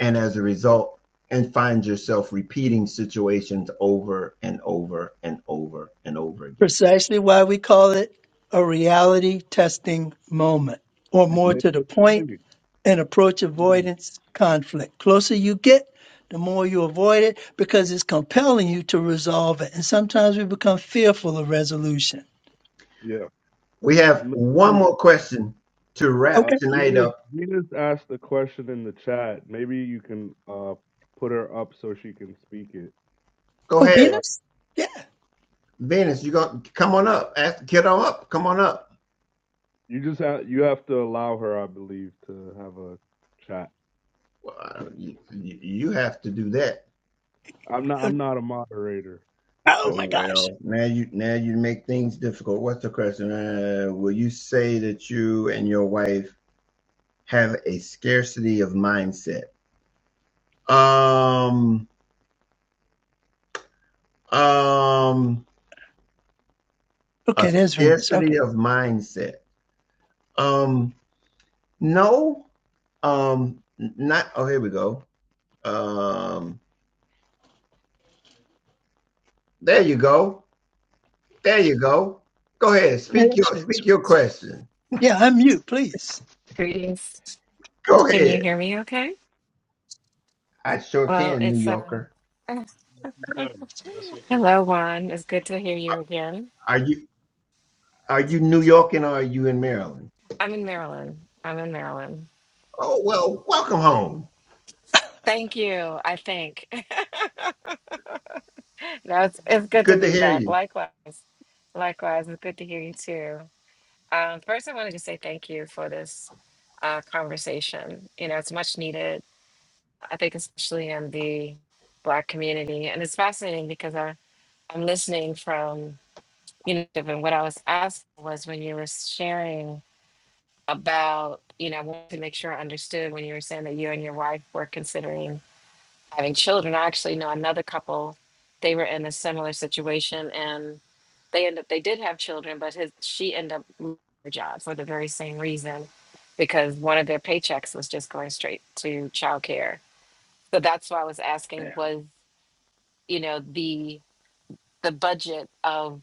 Speaker 3: and as a result, and find yourself repeating situations over and over and over and over again.
Speaker 1: Precisely why we call it a reality testing moment, or
Speaker 3: Mm-hmm.
Speaker 1: more
Speaker 2: And
Speaker 1: to the
Speaker 2: Miss
Speaker 1: point,
Speaker 2: Lee,
Speaker 1: an approach
Speaker 2: mm,
Speaker 1: avoidance conflict. Closer you get, the more you avoid it because it's compelling you to resolve it. And sometimes we become fearful of resolution.
Speaker 2: yeah,
Speaker 3: We have
Speaker 2: and Miss
Speaker 3: one
Speaker 2: Lee,
Speaker 3: more question to
Speaker 2: uh,
Speaker 3: wrap
Speaker 1: Okay.
Speaker 3: tonight
Speaker 2: Venus
Speaker 3: up.
Speaker 2: Venus asked the question in the chat. Maybe you can uh put her up so she can speak it.
Speaker 3: Go
Speaker 1: Oh,
Speaker 3: ahead,
Speaker 2: Uh,
Speaker 1: Venus? Yeah.
Speaker 3: Venus. You gonna come on up? Ask the kiddo up. Come on up.
Speaker 2: you just have you have to allow her, I believe, to have a chat.
Speaker 3: Well, you, you have to do that.
Speaker 2: I'm not.
Speaker 1: Uh,
Speaker 2: I'm not a moderator.
Speaker 1: Oh
Speaker 3: Oh
Speaker 1: my gosh.
Speaker 3: well, now you now you make things difficult. What's the question? Uh, will you say that you and your wife have a scarcity of mindset? Um, um, a
Speaker 1: Okay, there's Venus. Okay.
Speaker 3: scarcity of mindset. Um, no. Um, not. Oh, here we go. Um, there you go. There you go. Go ahead.
Speaker 1: Yeah,
Speaker 3: Speak
Speaker 1: that's
Speaker 3: your
Speaker 1: it.
Speaker 3: speak your question.
Speaker 1: Yeah, unmute, please.
Speaker 4: Greetings.
Speaker 3: Go
Speaker 4: Can you
Speaker 3: ahead.
Speaker 4: hear me okay?
Speaker 3: I sure
Speaker 4: Well,
Speaker 3: can, New
Speaker 4: it's uh
Speaker 3: Yorker.
Speaker 2: Yes, we can. Yes, we can.
Speaker 4: hello Juan. It's good to hear you again.
Speaker 3: Are you are you New York and are you in Maryland?
Speaker 4: I'm in Maryland. I'm in Maryland.
Speaker 3: Oh well, welcome home.
Speaker 4: Thank you, I think. no, it's it's
Speaker 3: It's
Speaker 4: good to
Speaker 3: good to
Speaker 4: be
Speaker 3: hear
Speaker 4: back.
Speaker 3: you.
Speaker 4: Likewise. Likewise, it's good to hear you too. Um, first I wanted to say thank you for this uh conversation. You know, it's much needed, I think especially in the black community. And it's fascinating because I, I'm listening from you know, and what I was asked was when you were sharing about, you know, I wanted to make sure I understood when you were saying that you and your wife were considering having children. I actually know another couple; they were in a similar situation, and they end up they did have children, but his she ended up losing her job for the very same reason, because one of their paychecks was just going straight to childcare. So that's why I was asking
Speaker 1: Yeah.
Speaker 4: was you know the the budget of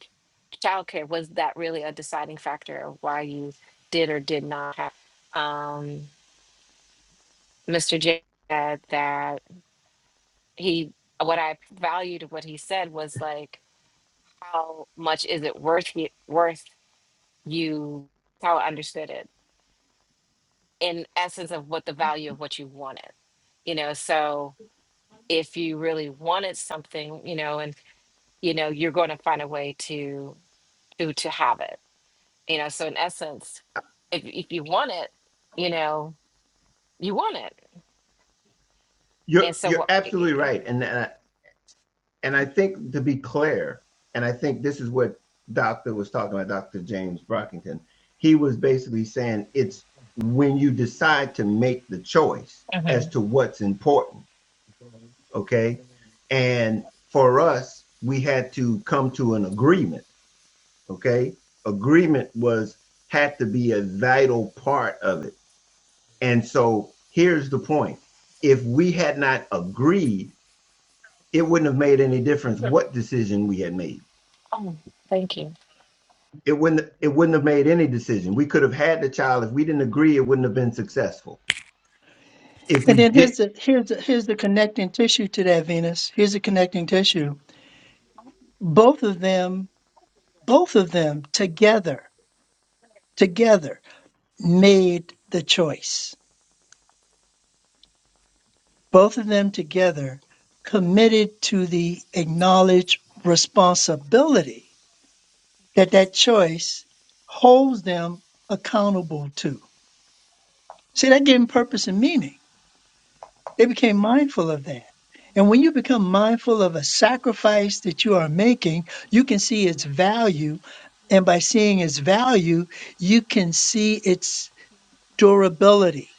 Speaker 4: childcare was that really a deciding factor of why you did or did not have um mr j said that he what i valued what he said was like how much is it worth y- worth you how i understood it in essence of what the value of what you wanted you know so if you really wanted something you know and you know you're going to find a way to to to have it you know so in essence if if you want it you know You want it.
Speaker 3: You're
Speaker 4: And so,
Speaker 3: you're
Speaker 4: what?
Speaker 3: absolutely right, and and and I think to be clear, and I think this is what Doctor was talking about, Doctor James Brockington. He was basically saying it's when you decide to make the choice
Speaker 4: Mhm.
Speaker 3: as to what's important okay? And for us, we had to come to an agreement, okay? Agreement was had to be a vital part of it. And so here's the point. If we had not agreed, it wouldn't have made any difference what decision we had made.
Speaker 4: oh, thank you.
Speaker 3: It wouldn't it wouldn't have made any decision. We could have had the child if we didn't agree, it wouldn't have been successful. If
Speaker 1: And
Speaker 3: we
Speaker 1: then
Speaker 3: did
Speaker 1: here's the here's the here's the connecting tissue to that Venus. Here's the connecting tissue. Both of them, both of them together, together made the choice. Both of them together committed to the acknowledged responsibility that that choice holds them accountable to. See, that gave them purpose and meaning. They became mindful of that. And when you become mindful of a sacrifice that you are making, you can see its value. And by seeing its value, you can see its durability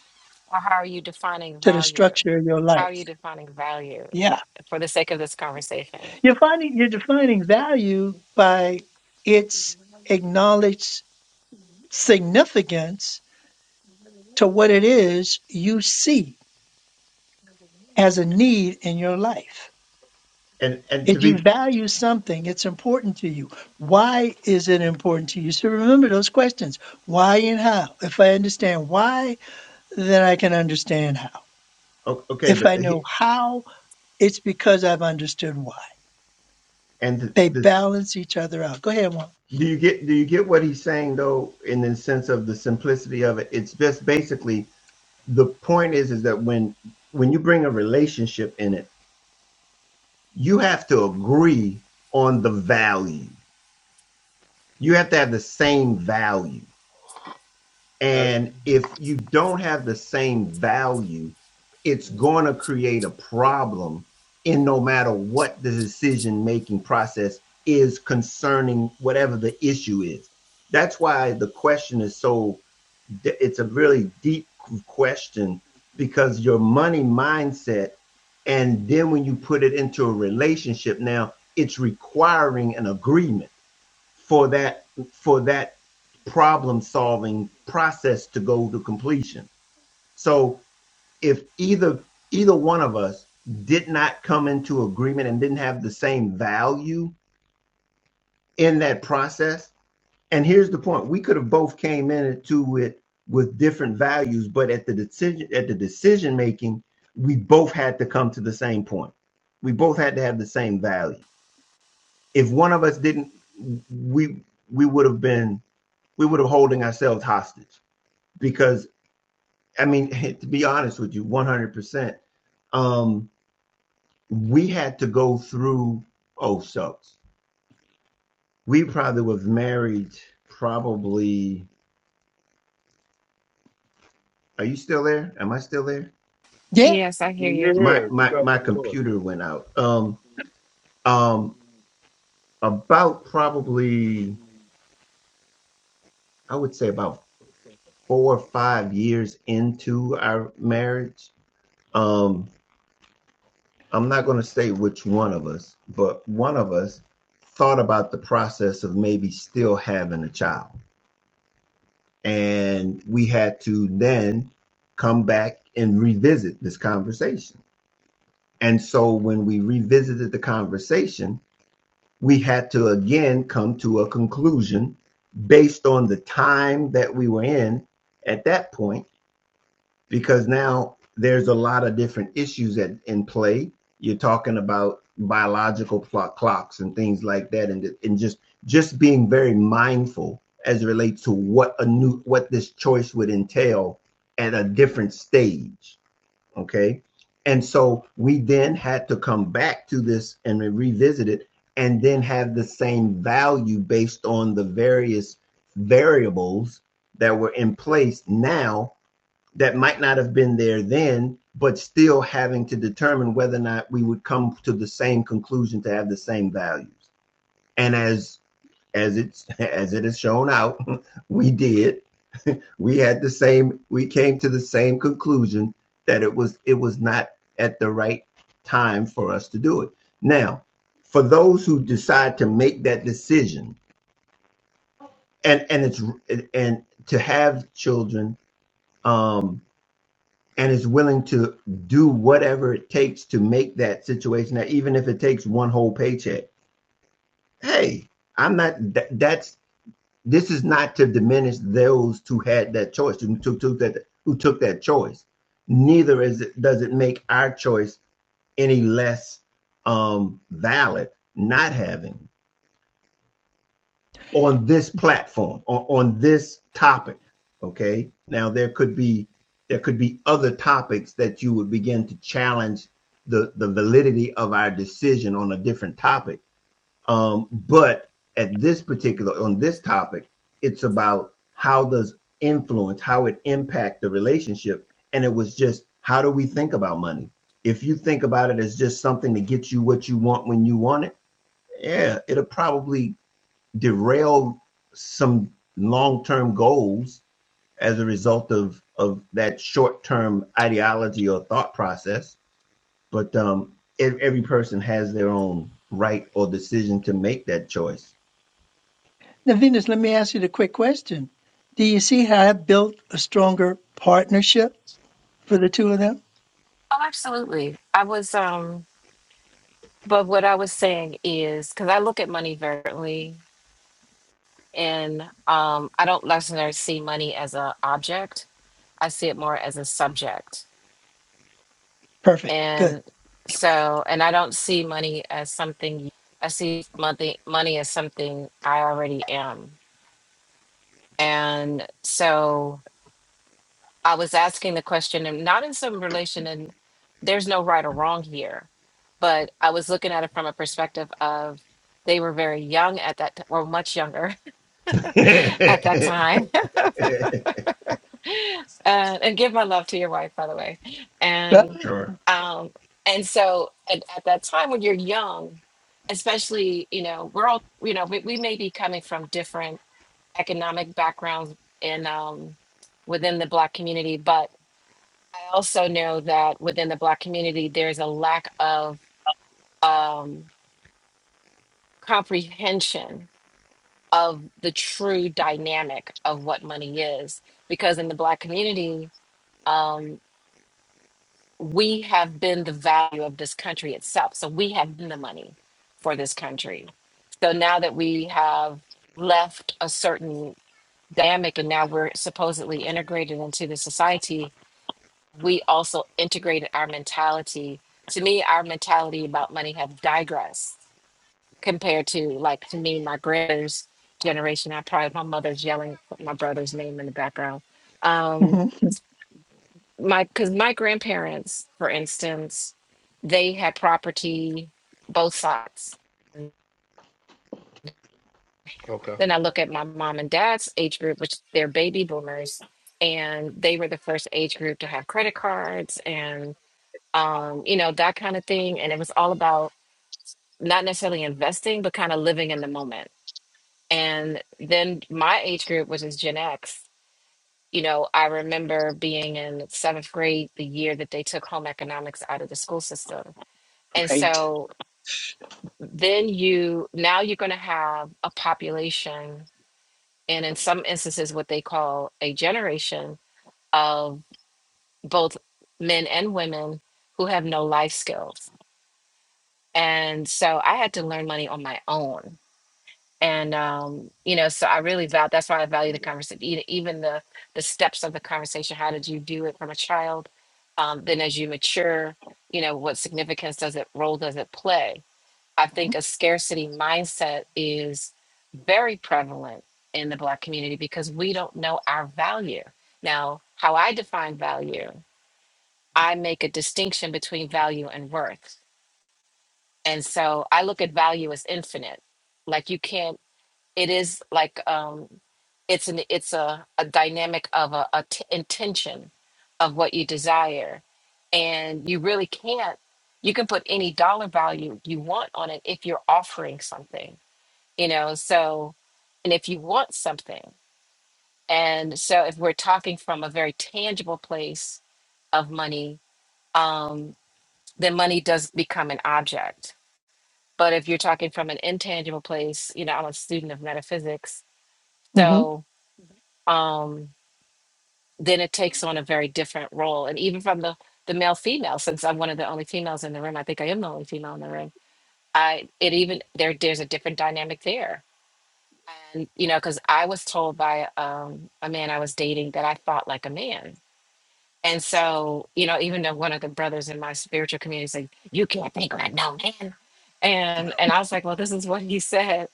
Speaker 4: Or how are you defining
Speaker 1: to the
Speaker 4: value?
Speaker 1: structure of your
Speaker 4: How are
Speaker 1: life.
Speaker 4: you defining value
Speaker 1: Yeah.
Speaker 4: for the sake of this conversation?
Speaker 1: You're finding you're defining value by its acknowledged significance to what it is you see as a need in your life.
Speaker 3: and and to
Speaker 1: If you
Speaker 3: be
Speaker 1: value something, it's important to you. Why is it important to you? So remember those questions. Why and how? If I understand why, then I can understand how.
Speaker 3: okay,
Speaker 1: If
Speaker 3: but
Speaker 1: I know how, it's because I've understood why.
Speaker 3: and th-
Speaker 1: They
Speaker 3: this
Speaker 1: balance each other out. Go ahead, Juan.
Speaker 3: Do you get do you get what he's saying though in the sense of the simplicity of it? It's just basically the point is is that when when you bring a relationship in it, you have to agree on the value. You have to have the same value.
Speaker 2: Uh,
Speaker 3: And if you don't have the same value, it's going to create a problem in no matter what the decision making process is concerning whatever the issue is. That's why the question is so it's a really deep question because your money mindset and then when you put it into a relationship now it's requiring an agreement for that for that problem solving process to go to completion so if either either one of us did not come into agreement and didn't have the same value in that process and here's the point we could have both came into it with different values but at the decision at the decision making we both had to come to the same point we both had to have the same value if one of us didn't we we would have been we would have holding ourselves hostage because i mean to be honest with you 100% um we had to go through oh shucks we probably was married probably are you still there am i still there
Speaker 1: Yeah.
Speaker 4: Yes, I hear
Speaker 2: you're
Speaker 4: you.
Speaker 3: my
Speaker 2: here. You
Speaker 3: my
Speaker 2: got
Speaker 3: my
Speaker 2: the floor.
Speaker 3: computer went out. Um um about probably I would say about four or five years into our marriage. Um I'm not going to say which one of us, but one of us thought about the process of maybe still having a child. And we had to then come back and revisit this conversation. And so when we revisited the conversation, we had to again come to a conclusion based on the time that we were in at that point, because now there's a lot of different issues at, in play. You're talking about biological clocks and things like that, and and just just being very mindful as it relates to what a new what this choice would entail at a different stage. Okay. And so we then had to come back to this and revisit it and then have the same value based on the various variables that were in place now that might not have been there then, but still having to determine whether or not we would come to the same conclusion to have the same values. And as as it's as it is shown out, we did we had the same we came to the same conclusion that it was it was not at the right time for us to do it now for those who decide to make that decision and and it's and to have children um and is willing to do whatever it takes to make that situation that even if it takes one whole paycheck hey i'm not that, that's this is not to diminish those who had that choice, who took, took that who took that choice. Neither is it, does it make our choice any less um, valid not having on this platform on, on this topic. Okay, now there could be there could be other topics that you would begin to challenge the the validity of our decision on a different topic um, but at this particular on this topic, it's about how does influence, how it impact the relationship, and it was just how do we think about money? If you think about it as just something to get you what you want when you want it, yeah, it'll probably derail some long-term goals as a result of of that short-term ideology or thought process. But um, every person has their own right or decision to make that choice.
Speaker 1: Now, Venus, let me ask you the quick question. Do you see how I built a stronger partnership for the two of them?
Speaker 4: Oh, absolutely. I was, um, but what I was saying is because I look at money very differently, and um, I don't necessarily see money as an object. I see it more as a subject.
Speaker 1: Perfect. Good.
Speaker 4: And so, and I don't see money as something, I see money, money as something I already am. And so I was asking the question, and not in some relation, and there's no right or wrong here, but I was looking at it from a perspective of they were very young at that, t- or much younger at that time and, and give my love to your wife, by the way.
Speaker 1: Yeah.
Speaker 4: And
Speaker 3: sure.
Speaker 4: um, and so at, at that time when you're young, especially, you know, we're all, you know, we, we may be coming from different economic backgrounds in um, within the Black community, but I also know that within the Black community, there's a lack of um, comprehension of the true dynamic of what money is, because in the Black community. um, we have been the value of this country itself. So we have been the money for this country. So now that we have left a certain dynamic and now we're supposedly integrated into the society, we also integrated our mentality. To me, our mentality about money have digressed compared to like to me, my grandmother's generation. I probably my mother's yelling my brother's name in the background. Um,
Speaker 1: Mhm.
Speaker 4: my because my grandparents, for instance, they had property both sides.
Speaker 2: Okay.
Speaker 4: Then I look at my mom and dad's age group, which they're baby boomers, and they were the first age group to have credit cards and um, you know that kind of thing. And it was all about not necessarily investing, but kind of living in the moment. And then my age group, which is Gen X, you know, I remember being in seventh grade the year that they took home economics out of the school system And
Speaker 1: Great.
Speaker 4: so then you now you're going to have a population and in some instances what they call a generation of both men and women who have no life skills. And so I had to learn money on my own. And um, you know, so I really value that's why I value the conversation, even the the steps of the conversation. How did you do it from a child? Um, then as you mature, you know, what significance does it role does it play? I think a scarcity mindset is very prevalent in the Black community because we don't know our value. Now, how I define value, I make a distinction between value and worth. And so I look at value as infinite. Like you can't, it is like, um, it's an it's a, a dynamic of a, a t- intention of what you desire and you really can't you can put any dollar value you want on it if you're offering something you know so and if you want something and so if we're talking from a very tangible place of money um then money does become an object but if you're talking from an intangible place you know i'm a student of metaphysics so um then it takes on a very different role and even from the the male female since i'm one of the only females in the room i think i am the only female in the room i it even there there's a different dynamic there And, you know, because I was told by um, a man I was dating that I thought like a man. And so, you know, even though one of the brothers in my spiritual community said, "You can't think like no man," and and I was like, "Well, this is what he said,"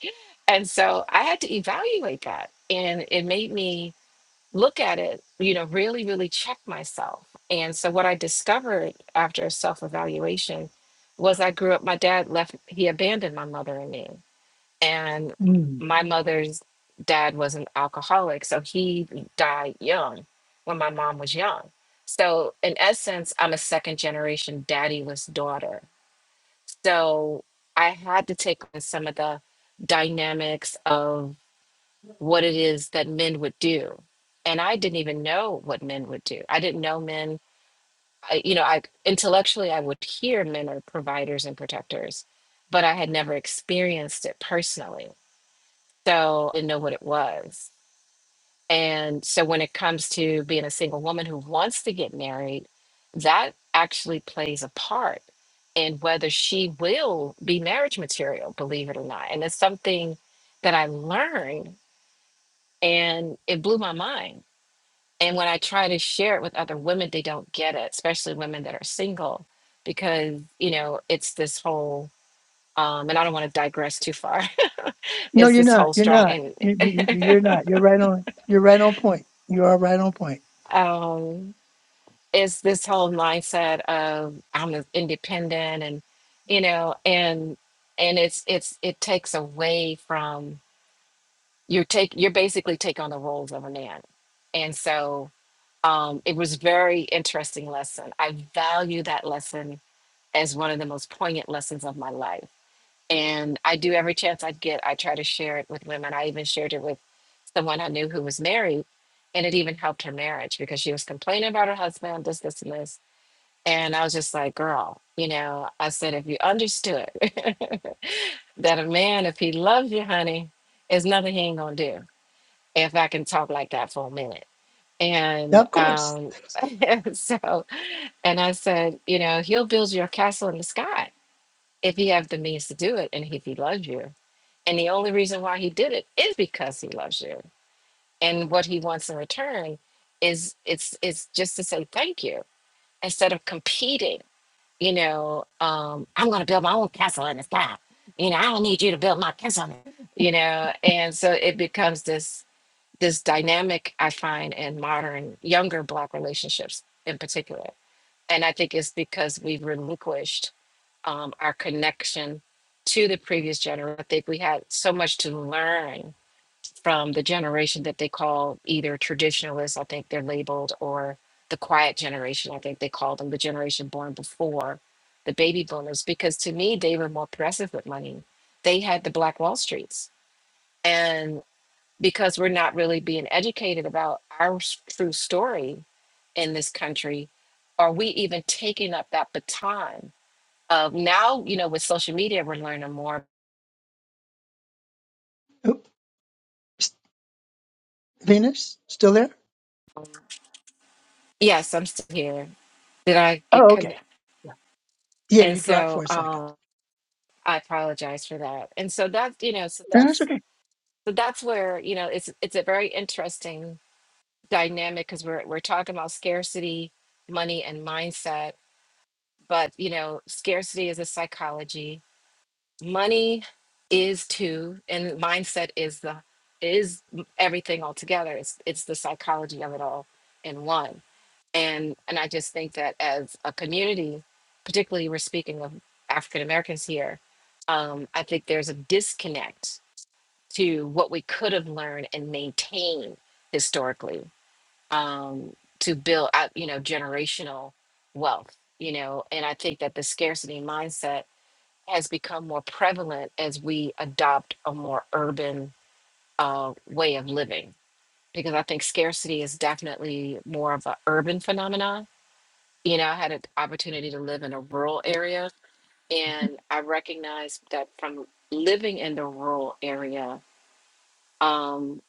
Speaker 4: and so I had to evaluate that, and it made me look at it, you know, really, really check myself. And so, what I discovered after a self evaluation was I grew up. My dad left; he abandoned my mother and me, and
Speaker 1: hmm
Speaker 4: my mother's dad was an alcoholic so he died young when my mom was young so in essence i'm a second generation daddyless daughter so i had to take on some of the dynamics of what it is that men would do and i didn't even know what men would do i didn't know men I, you know i intellectually i would hear men are providers and protectors but i had never experienced it personally so I didn't know what it was. And so when it comes to being a single woman who wants to get married, that actually plays a part in whether she will be marriage material, believe it or not. And it's something that I learned and it blew my mind. And when I try to share it with other women, they don't get it, especially women that are single, because, you know, it's this whole, um, and I don't want to digress too far,
Speaker 1: No,
Speaker 4: it's
Speaker 1: you're
Speaker 4: this
Speaker 1: not.
Speaker 4: whole
Speaker 1: You're not.
Speaker 4: strong
Speaker 1: You, you, you're
Speaker 4: and,
Speaker 1: not. You're right on. You're right on point. You are right on point.
Speaker 4: um, Is this whole mindset of I'm independent and you know and and it's it's it takes away from you're take you're basically take on the roles of a man and so um it was very interesting lesson I value that lesson as one of the most poignant lessons of my life and I do every chance I get I try to share it with women I even shared it with someone I knew who was married and it even helped her marriage because she was complaining about her husband this this and this and I was just like, girl, you know, I said, if you understood that a man, if he loves you, honey, there's nothing he ain't gonna do. If I can talk like that for a minute. And
Speaker 1: Of course.
Speaker 4: um, so, and I said, you know, he'll build you a castle in the sky if he have the means to do it and if he loves you. And the only reason why he did it is because he loves you. And what he wants in return is it's it's just to say thank you instead of competing you know, um, I'm going to build my own castle in the sky. You know, I don't need you to build my castle. You know, and so it becomes this this dynamic I find in modern younger black relationships in particular, and I think it's because we've relinquished um, our connection to the previous generation. I think we had so much to learn from the generation that they call either traditionalists, I think they're labeled, or the quiet generation, I think they call them the generation born before the baby boomers, because to me, they were more progressive with money. They had the Black Wall Streets. And because we're not really being educated about our s- true story in this country, are we even taking up that baton of now, you know, with social media, we're learning more.
Speaker 1: Oops. Venus, still there?
Speaker 4: Yes, I'm still here. Did I get
Speaker 1: Oh, okay.
Speaker 4: connected?
Speaker 1: Yeah,
Speaker 4: And
Speaker 1: you dropped
Speaker 4: so,
Speaker 1: for a second.
Speaker 4: um, I apologize for that. And so that's, you know, so
Speaker 1: No, That's
Speaker 4: that's
Speaker 1: okay.
Speaker 4: so that's where, you know, it's it's a very interesting dynamic because we're we're talking about scarcity, money and mindset, but you know, scarcity is a psychology. Money is too, and mindset is the is everything altogether. It's it's the psychology of it all in one and and I just think that as a community, particularly we're speaking of African Americans here, um, I think there's a disconnect to what we could have learned and maintained historically um, to build up, you know, generational wealth, you know, and I think that the scarcity mindset has become more prevalent as we adopt a more urban uh, way of living because I think scarcity is definitely more of an urban phenomenon you know, I had an opportunity to live in a rural area, and I recognized that from living in the rural area, um,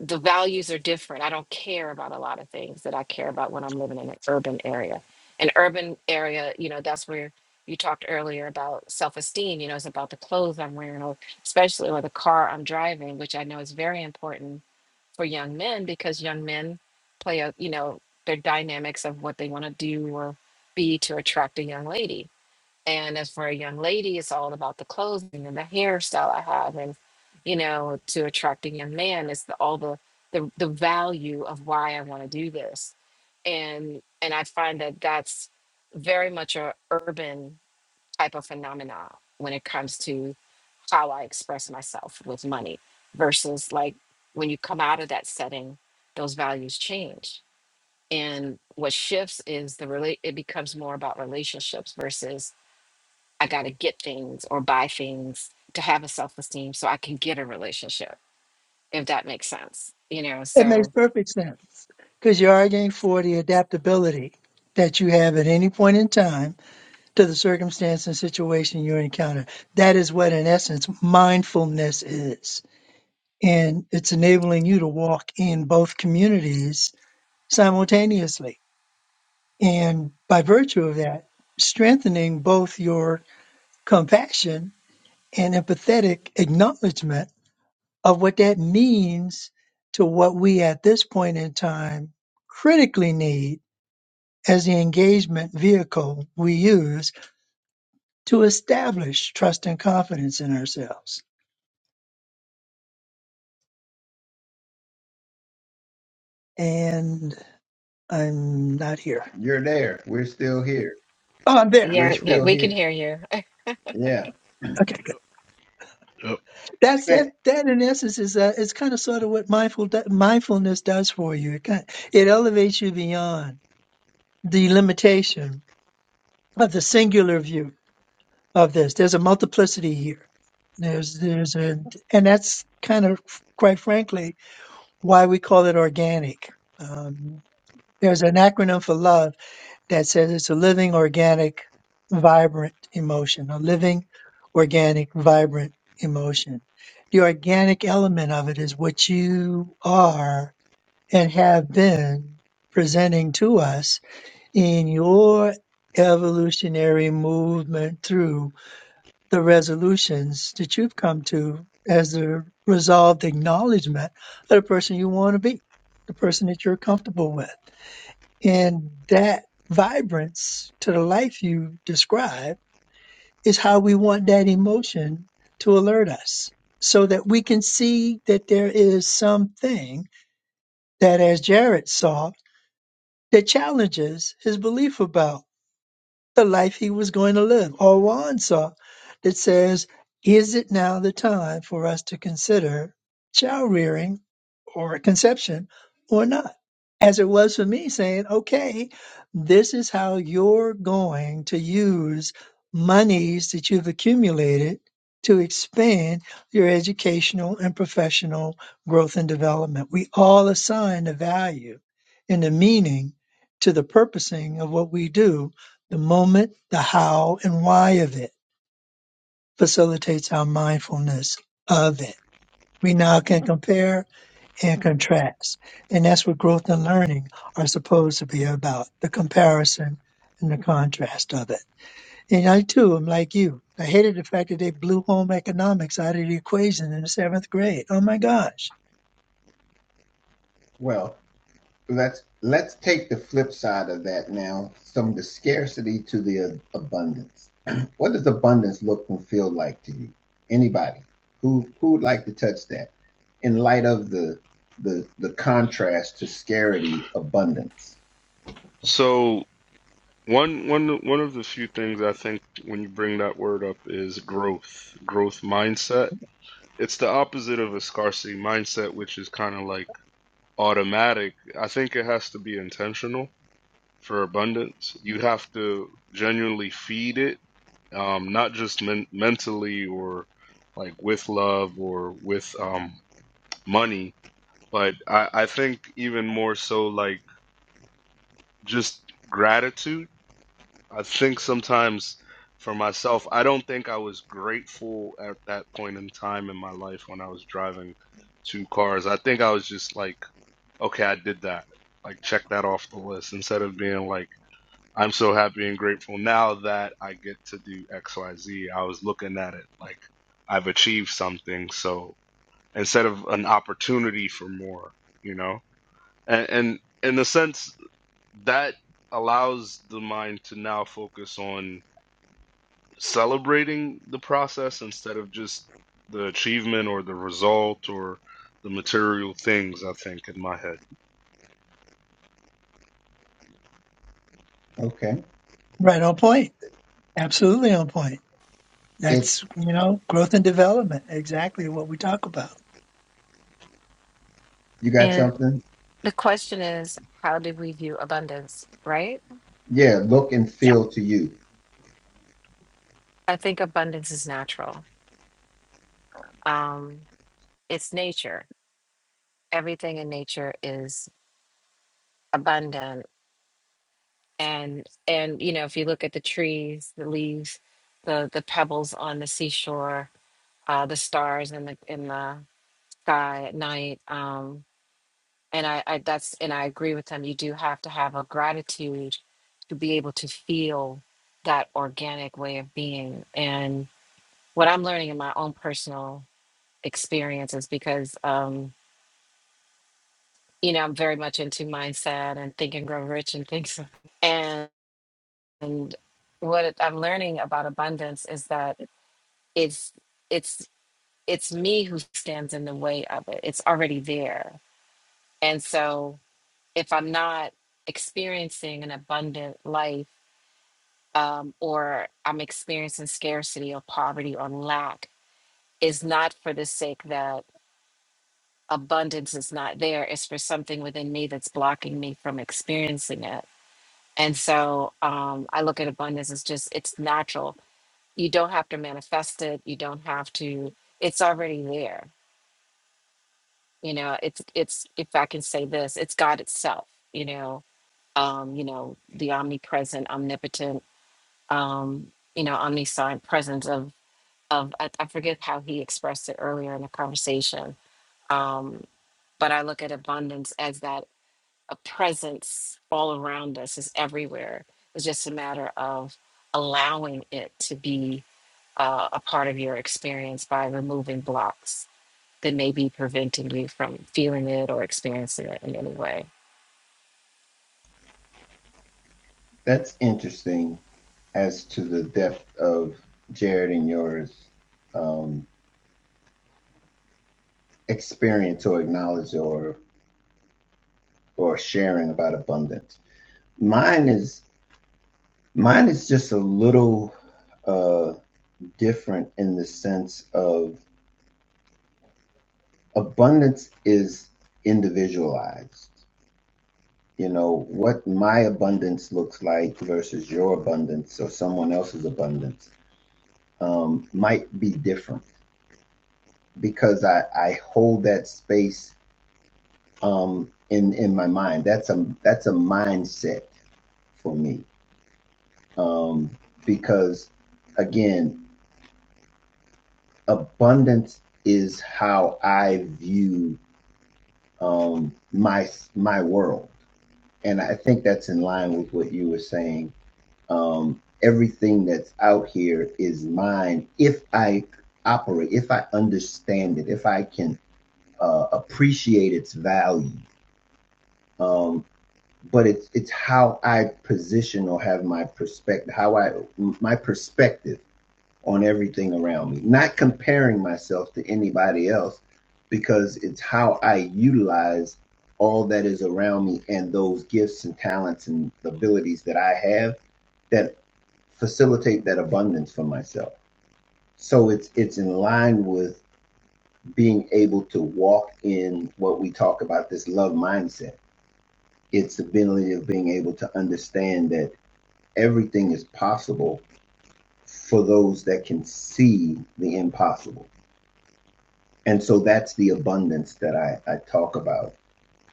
Speaker 4: the values are different. I don't care about a lot of things that I care about when I'm living in an urban area. An urban area, you know, that's where you talked earlier about self-esteem. You know, it's about the clothes I'm wearing, or especially or the car I'm driving, which I know is very important for young men because young men play out, you know, their dynamics of what they want to do or be to attract a young lady. And as for a young lady, it's all about the clothing and the hairstyle I have, and you know, to attract a young man it's the, all the, the the value of why I want to do this, and and I find that that's very much a urban type of phenomena when it comes to how I express myself with money versus like when you come out of that setting, those values change. And what shifts is the relate it becomes more about relationships versus I gotta get things or buy things to have a self-esteem so I can get a relationship, if that makes sense. You know,
Speaker 1: It makes
Speaker 4: so
Speaker 1: perfect sense because you're arguing for the adaptability that you have at any point in time to the circumstance and situation you encounter. That is what, in essence, mindfulness is. And it's enabling you to walk in both communities simultaneously And by virtue of that, strengthening both your compassion and empathetic acknowledgement of what that means to what we at this point in time critically need as the engagement vehicle we use to establish trust and confidence in ourselves. And I'm not here.
Speaker 3: You're there. We're still here.
Speaker 1: Oh, I'm there.
Speaker 3: We're
Speaker 4: yeah, yeah,
Speaker 3: still
Speaker 4: we can
Speaker 3: here.
Speaker 4: hear you.
Speaker 3: Yeah.
Speaker 1: Okay.
Speaker 2: Yep. Yep.
Speaker 1: That's
Speaker 3: Hey,
Speaker 1: that. That in essence is uh, it's kind of sort of what mindful mindfulness does for you. It kind it elevates you beyond the limitation of the singular view of this. There's a multiplicity here. There's there's a and that's kind of quite frankly why we call it organic. Um, there's an acronym for love that says it's a living, organic, vibrant emotion, a living, organic, vibrant emotion. The organic element of it is what you are and have been presenting to us in your evolutionary movement through the resolutions that you've come to as the resolved acknowledgement of the person you want to be, the person that you're comfortable with. And that vibrance to the life you describe is how we want that emotion to alert us so that we can see that there is something that, as Jared saw, that challenges his belief about the life he was going to live, or Juan saw, that says, Is it now the time for us to consider child rearing or conception or not? As it was for me saying, Okay, this is how you're going to use monies that you've accumulated to expand your educational and professional growth and development. We all assign a value and a meaning to the purposing of what we do the moment, the how and why of it facilitates our mindfulness of it. We now can compare and contrast. And that's what growth and learning are supposed to be about, the comparison and the contrast of it. And I too am like you. I hated the fact that they blew home economics out of the equation in the seventh grade. Oh my gosh.
Speaker 3: well, let's let's take the flip side of that now, from the scarcity to the abundance. what does abundance look and feel like to you? Anybody who who would like to touch that in light of the the the contrast to scarcity abundance?
Speaker 2: So one one one of the few things I think when you bring that word up is growth, growth mindset. It's the opposite of a scarcity mindset, which is kind of like automatic. I think it has to be intentional for abundance. You have to genuinely feed it um, not just men- mentally or like with love or with um, money, but I, I think even more so like just gratitude. I think sometimes for myself, I don't think I was grateful at that point in time in my life when I was driving two cars. I think I was just like, okay, I did that. Like, check that off the list instead of being like, I'm so happy and grateful now that I get to do X, Y, Z. I was looking at it like I've achieved something. So instead of an opportunity for more, you know, and, and in a sense, that allows the mind to now focus on celebrating the process instead of just the achievement or the result or the material things, I think, in my head.
Speaker 3: Okay.
Speaker 1: Right on point. Absolutely on point. That's,
Speaker 3: It's
Speaker 1: you know, growth and development. Exactly what we talk about.
Speaker 3: you got
Speaker 4: And
Speaker 3: something?
Speaker 4: the question is, how do we view abundance, right?
Speaker 3: Yeah, look and feel to you.
Speaker 4: I think abundance is natural. Um, it's nature everything in nature is abundant and and you know if you look at the trees the leaves the the pebbles on the seashore uh the stars in the in the sky at night um and i i that's and i agree with them you do have to have a gratitude to be able to feel that organic way of being and what i'm learning in my own personal experience is because um you know, I'm very much into mindset and think and grow rich and things. And what it- I'm learning about abundance is that it's it's it's me who stands in the way of it. It's already there. And so if I'm not experiencing an abundant life um, or I'm experiencing scarcity or poverty or lack, is not for the sake that abundance is not there. It's for something within me that's blocking me from experiencing it And so um, I look at abundance as just, it's natural. You don't have to manifest it. You don't have to, it's already there. You know, it's, it's, if I can say this, it's God itself, you know, um, you know, the omnipresent, omnipotent, um, you know, omniscient presence of, of, I, I forget how he expressed it earlier in the conversation. Um, but I look at abundance as that a presence all around us is everywhere. It's just a matter of allowing it to be uh, a part of your experience by removing blocks that may be preventing you from feeling it or experiencing it in any way.
Speaker 3: That's interesting as to the depth of Jared and yours um, experience or knowledge or or sharing about abundance. Mine is mine is just a little uh, different in the sense of abundance is individualized. You know what my abundance looks like versus your abundance or someone else's abundance um, might be different. because I, I hold that space um, in in my mind. That's a that's a mindset for me um, because again, abundance is how I view um, my my world, and I think that's in line with what you were saying. Um, everything that's out here is mine if I operate, if I understand it, if I can uh, appreciate its value. Um, but it's it's how I position or have my perspective, how I my perspective on everything around me. Not comparing myself to anybody else, because it's how I utilize all that is around me and those gifts and talents and abilities that I have that facilitate that abundance for myself. So it's it's in line with being able to walk in what we talk about this love mindset. It's the ability of being able to understand that everything is possible for those that can see the impossible. And so that's the abundance that I, I talk about.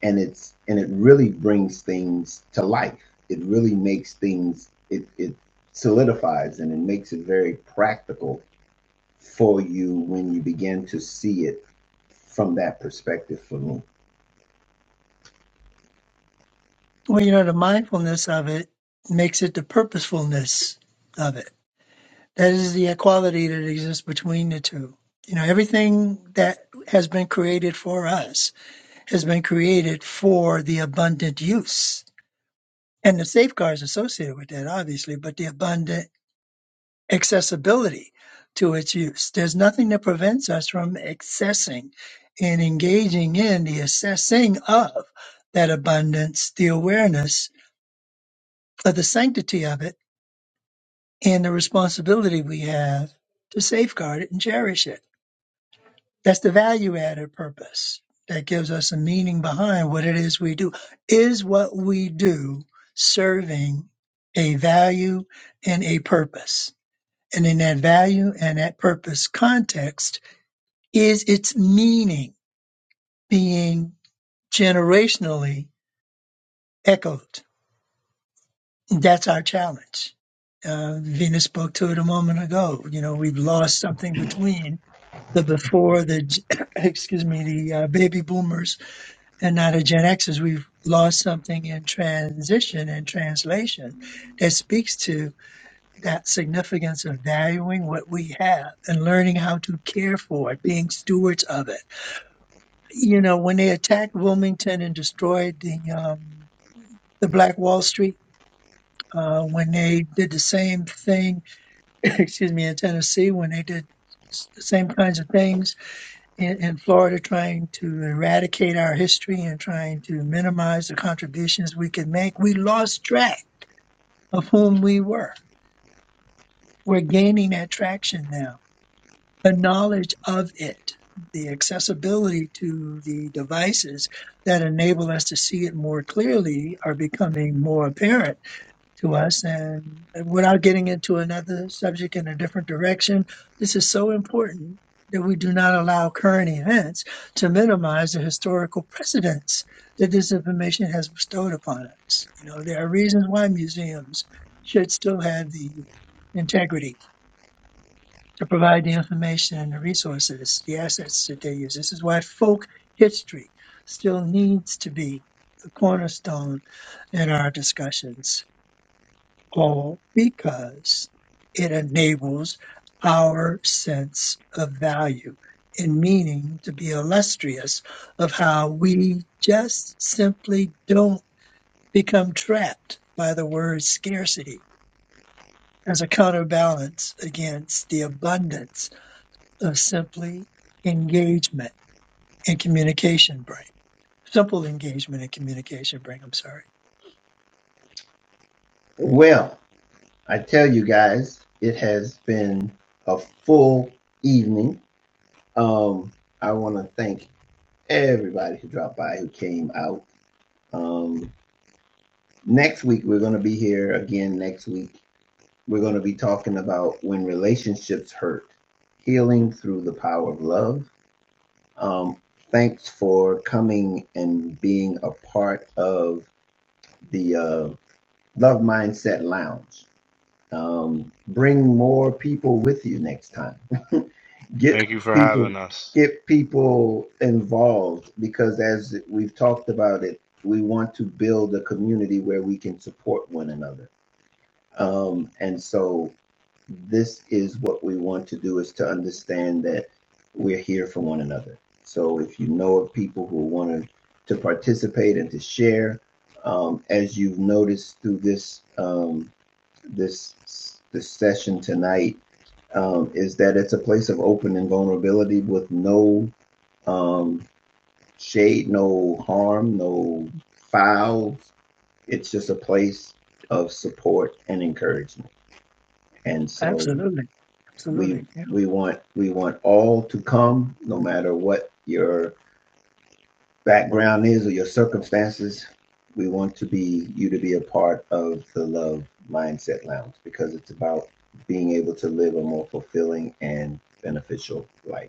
Speaker 3: And it's and it really brings things to life. It really makes things it, it solidifies and it makes it very practical for you when you begin to see it from that perspective for me.
Speaker 1: Well, you know, the mindfulness of it makes it the purposefulness of it. That is the equality that exists between the two. You know, everything that has been created for us has been created for the abundant use and the safeguards associated with that, obviously, but the abundant accessibility to its use. There's nothing that prevents us from accessing and engaging in the assessing of that abundance, the awareness of the sanctity of it and the responsibility we have to safeguard it and cherish it. That's the value added purpose that gives us a meaning behind what it is we do. Is what we do serving a value and a purpose? And in that value and that purpose context, is its meaning being generationally echoed? That's our challenge uh, Venus spoke to it a moment ago. You know, we've lost something between the before the g- excuse me the uh, baby boomers and now the Gen Xers. We've lost something in transition and translation that speaks to that significance of valuing what we have and learning how to care for it, being stewards of it. You know, when they attacked Wilmington and destroyed the um, the Black Wall Street. Uh, when they did the same thing, excuse me, in Tennessee, when they did s- the same kinds of things in, in Florida trying to eradicate our history and trying to minimize the contributions we could make, we lost track of whom we were. We're gaining that traction now. The knowledge of it, the accessibility to the devices that enable us to see it more clearly are becoming more apparent to us and, without getting into another subject in a different direction this is so important that we do not allow current events to minimize the historical precedents that this information has bestowed upon us you know there are reasons why museums should still have the integrity to provide the information and the resources the assets that they use this is why folk history still needs to be the cornerstone in our discussions all because it enables our sense of value and meaning to be illustrious of how we just simply don't become trapped by the word scarcity as a counterbalance against the abundance of simply engagement and communication brain. Simple engagement and communication brain, I'm sorry.
Speaker 3: Well, I tell you guys, it has been a full evening. Um, I want to thank everybody who dropped by who came out. Um, next week we're going to be here again. Next week we're going to be talking about when relationships hurt, healing through the power of love. Um, thanks for coming and being a part of the uh, Love Mindset Lounge. Um, bring more people with you next time.
Speaker 2: Thank
Speaker 3: get
Speaker 2: you for
Speaker 3: people
Speaker 2: having us.
Speaker 3: get people involved because as we've talked about it we want to build a community where we can support one another um, and so this is what we want to do is to understand that we're here for one another so if you know of people who want to participate and to share um, as you've noticed through this um, this this session tonight um, is that it's a place of open and vulnerability with no um, shade, no harm, no foul. It's just a place of support and encouragement. And so
Speaker 1: Absolutely.
Speaker 3: we
Speaker 1: Absolutely. Yeah.
Speaker 3: we want we want all to come, no matter what your background is or your circumstances. We want to be you to be a part of the Love Mindset Lounge because it's about being able to live a more fulfilling and beneficial life.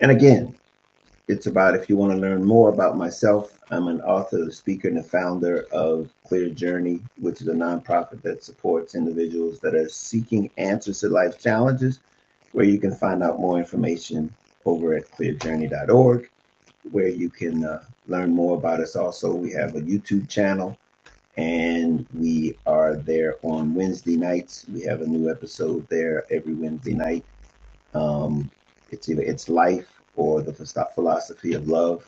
Speaker 3: And again, it's about if you want to learn more about myself, I'm an author, speaker, and a founder of Clear Journey, which is a nonprofit that supports individuals that are seeking answers to life challenges, where you can find out more information over at clearjourney.org, where you can uh, learn more about us. Also, we have a YouTube channel and we are there on Wednesday nights. We have a new episode there every Wednesday night. Um, it's either it's life or the philosophy of love.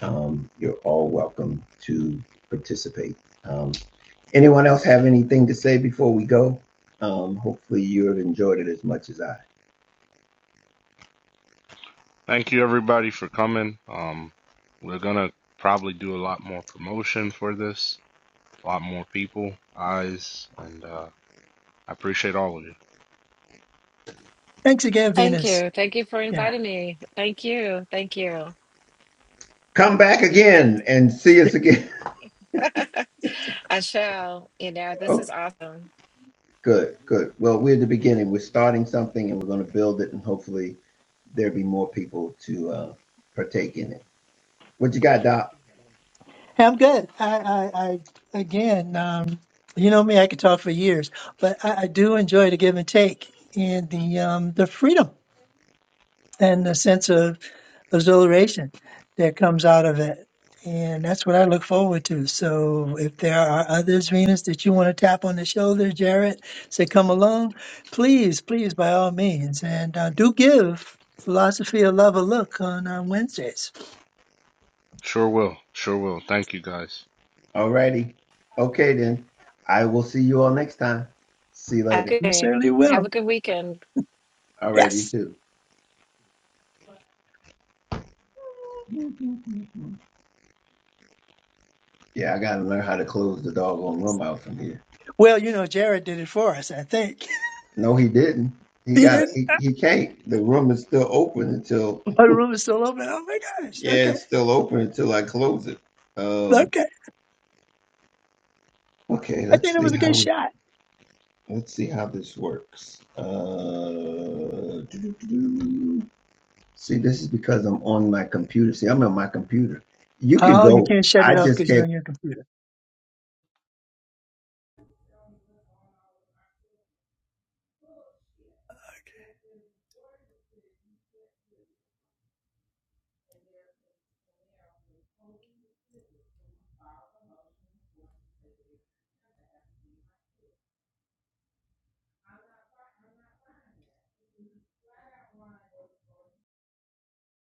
Speaker 3: Um, you're all welcome to participate. Um, anyone else have anything to say before we go? Um, hopefully you have enjoyed it as much as I.
Speaker 2: Thank you everybody for coming. Um, we're gonna probably do a lot more promotion for this, a lot more people, eyes, and uh, I appreciate all of you.
Speaker 1: Thanks again,
Speaker 4: Thank
Speaker 1: Venus.
Speaker 4: you. Thank you for
Speaker 1: Yeah.
Speaker 4: inviting me. Thank you. Thank you.
Speaker 3: Come back again and see us again.
Speaker 4: I shall. You know, this is
Speaker 3: okay,
Speaker 4: awesome.
Speaker 3: good, good. Well, we're at the beginning. We're starting something and we're going to build it, and hopefully there'll be more people to uh, partake in it. What you got, Doc?
Speaker 1: I'm good. I, I, I again, um, you know me, I could talk for years, but I, I do enjoy the give and take and the um, the freedom and the sense of exhilaration that comes out of it. And that's what I look forward to. So if there are others, Venus, that you want to tap on the shoulder, Jared, say, come along, please, please, by all means. And uh, do give Philosophy of Love a look on uh, Wednesdays.
Speaker 2: Sure will, sure will. Thank you guys.
Speaker 3: All righty. Okay, then. I will see you all next time. See you
Speaker 4: Have
Speaker 3: later.
Speaker 4: a
Speaker 1: You
Speaker 4: good.
Speaker 1: certainly
Speaker 4: Have a
Speaker 1: will.
Speaker 4: good weekend.
Speaker 3: All right, you
Speaker 1: Yes.
Speaker 3: too. Yeah, I gotta learn how to close the doggone room out from here.
Speaker 1: Well, you know, Jared did it for us, I think.
Speaker 3: No, he didn't. He
Speaker 1: He
Speaker 3: got
Speaker 1: didn't?
Speaker 3: he, he can't. The room is still open until
Speaker 1: Oh, the room is still open. Oh my gosh.
Speaker 3: yeah,
Speaker 1: Okay.
Speaker 3: it's still open until I close it. Um
Speaker 1: Okay.
Speaker 3: okay,
Speaker 1: I think
Speaker 3: let's
Speaker 1: it
Speaker 3: see
Speaker 1: was a
Speaker 3: how
Speaker 1: good
Speaker 3: we
Speaker 1: shot.
Speaker 3: let's see how this works. Uh doo-doo-doo-doo. see this is because I'm on my computer. See, I'm on my computer. You can
Speaker 1: Oh, you
Speaker 3: go.
Speaker 1: can't shut
Speaker 3: I
Speaker 1: it off
Speaker 3: just
Speaker 1: because
Speaker 3: can't
Speaker 1: you're on your computer.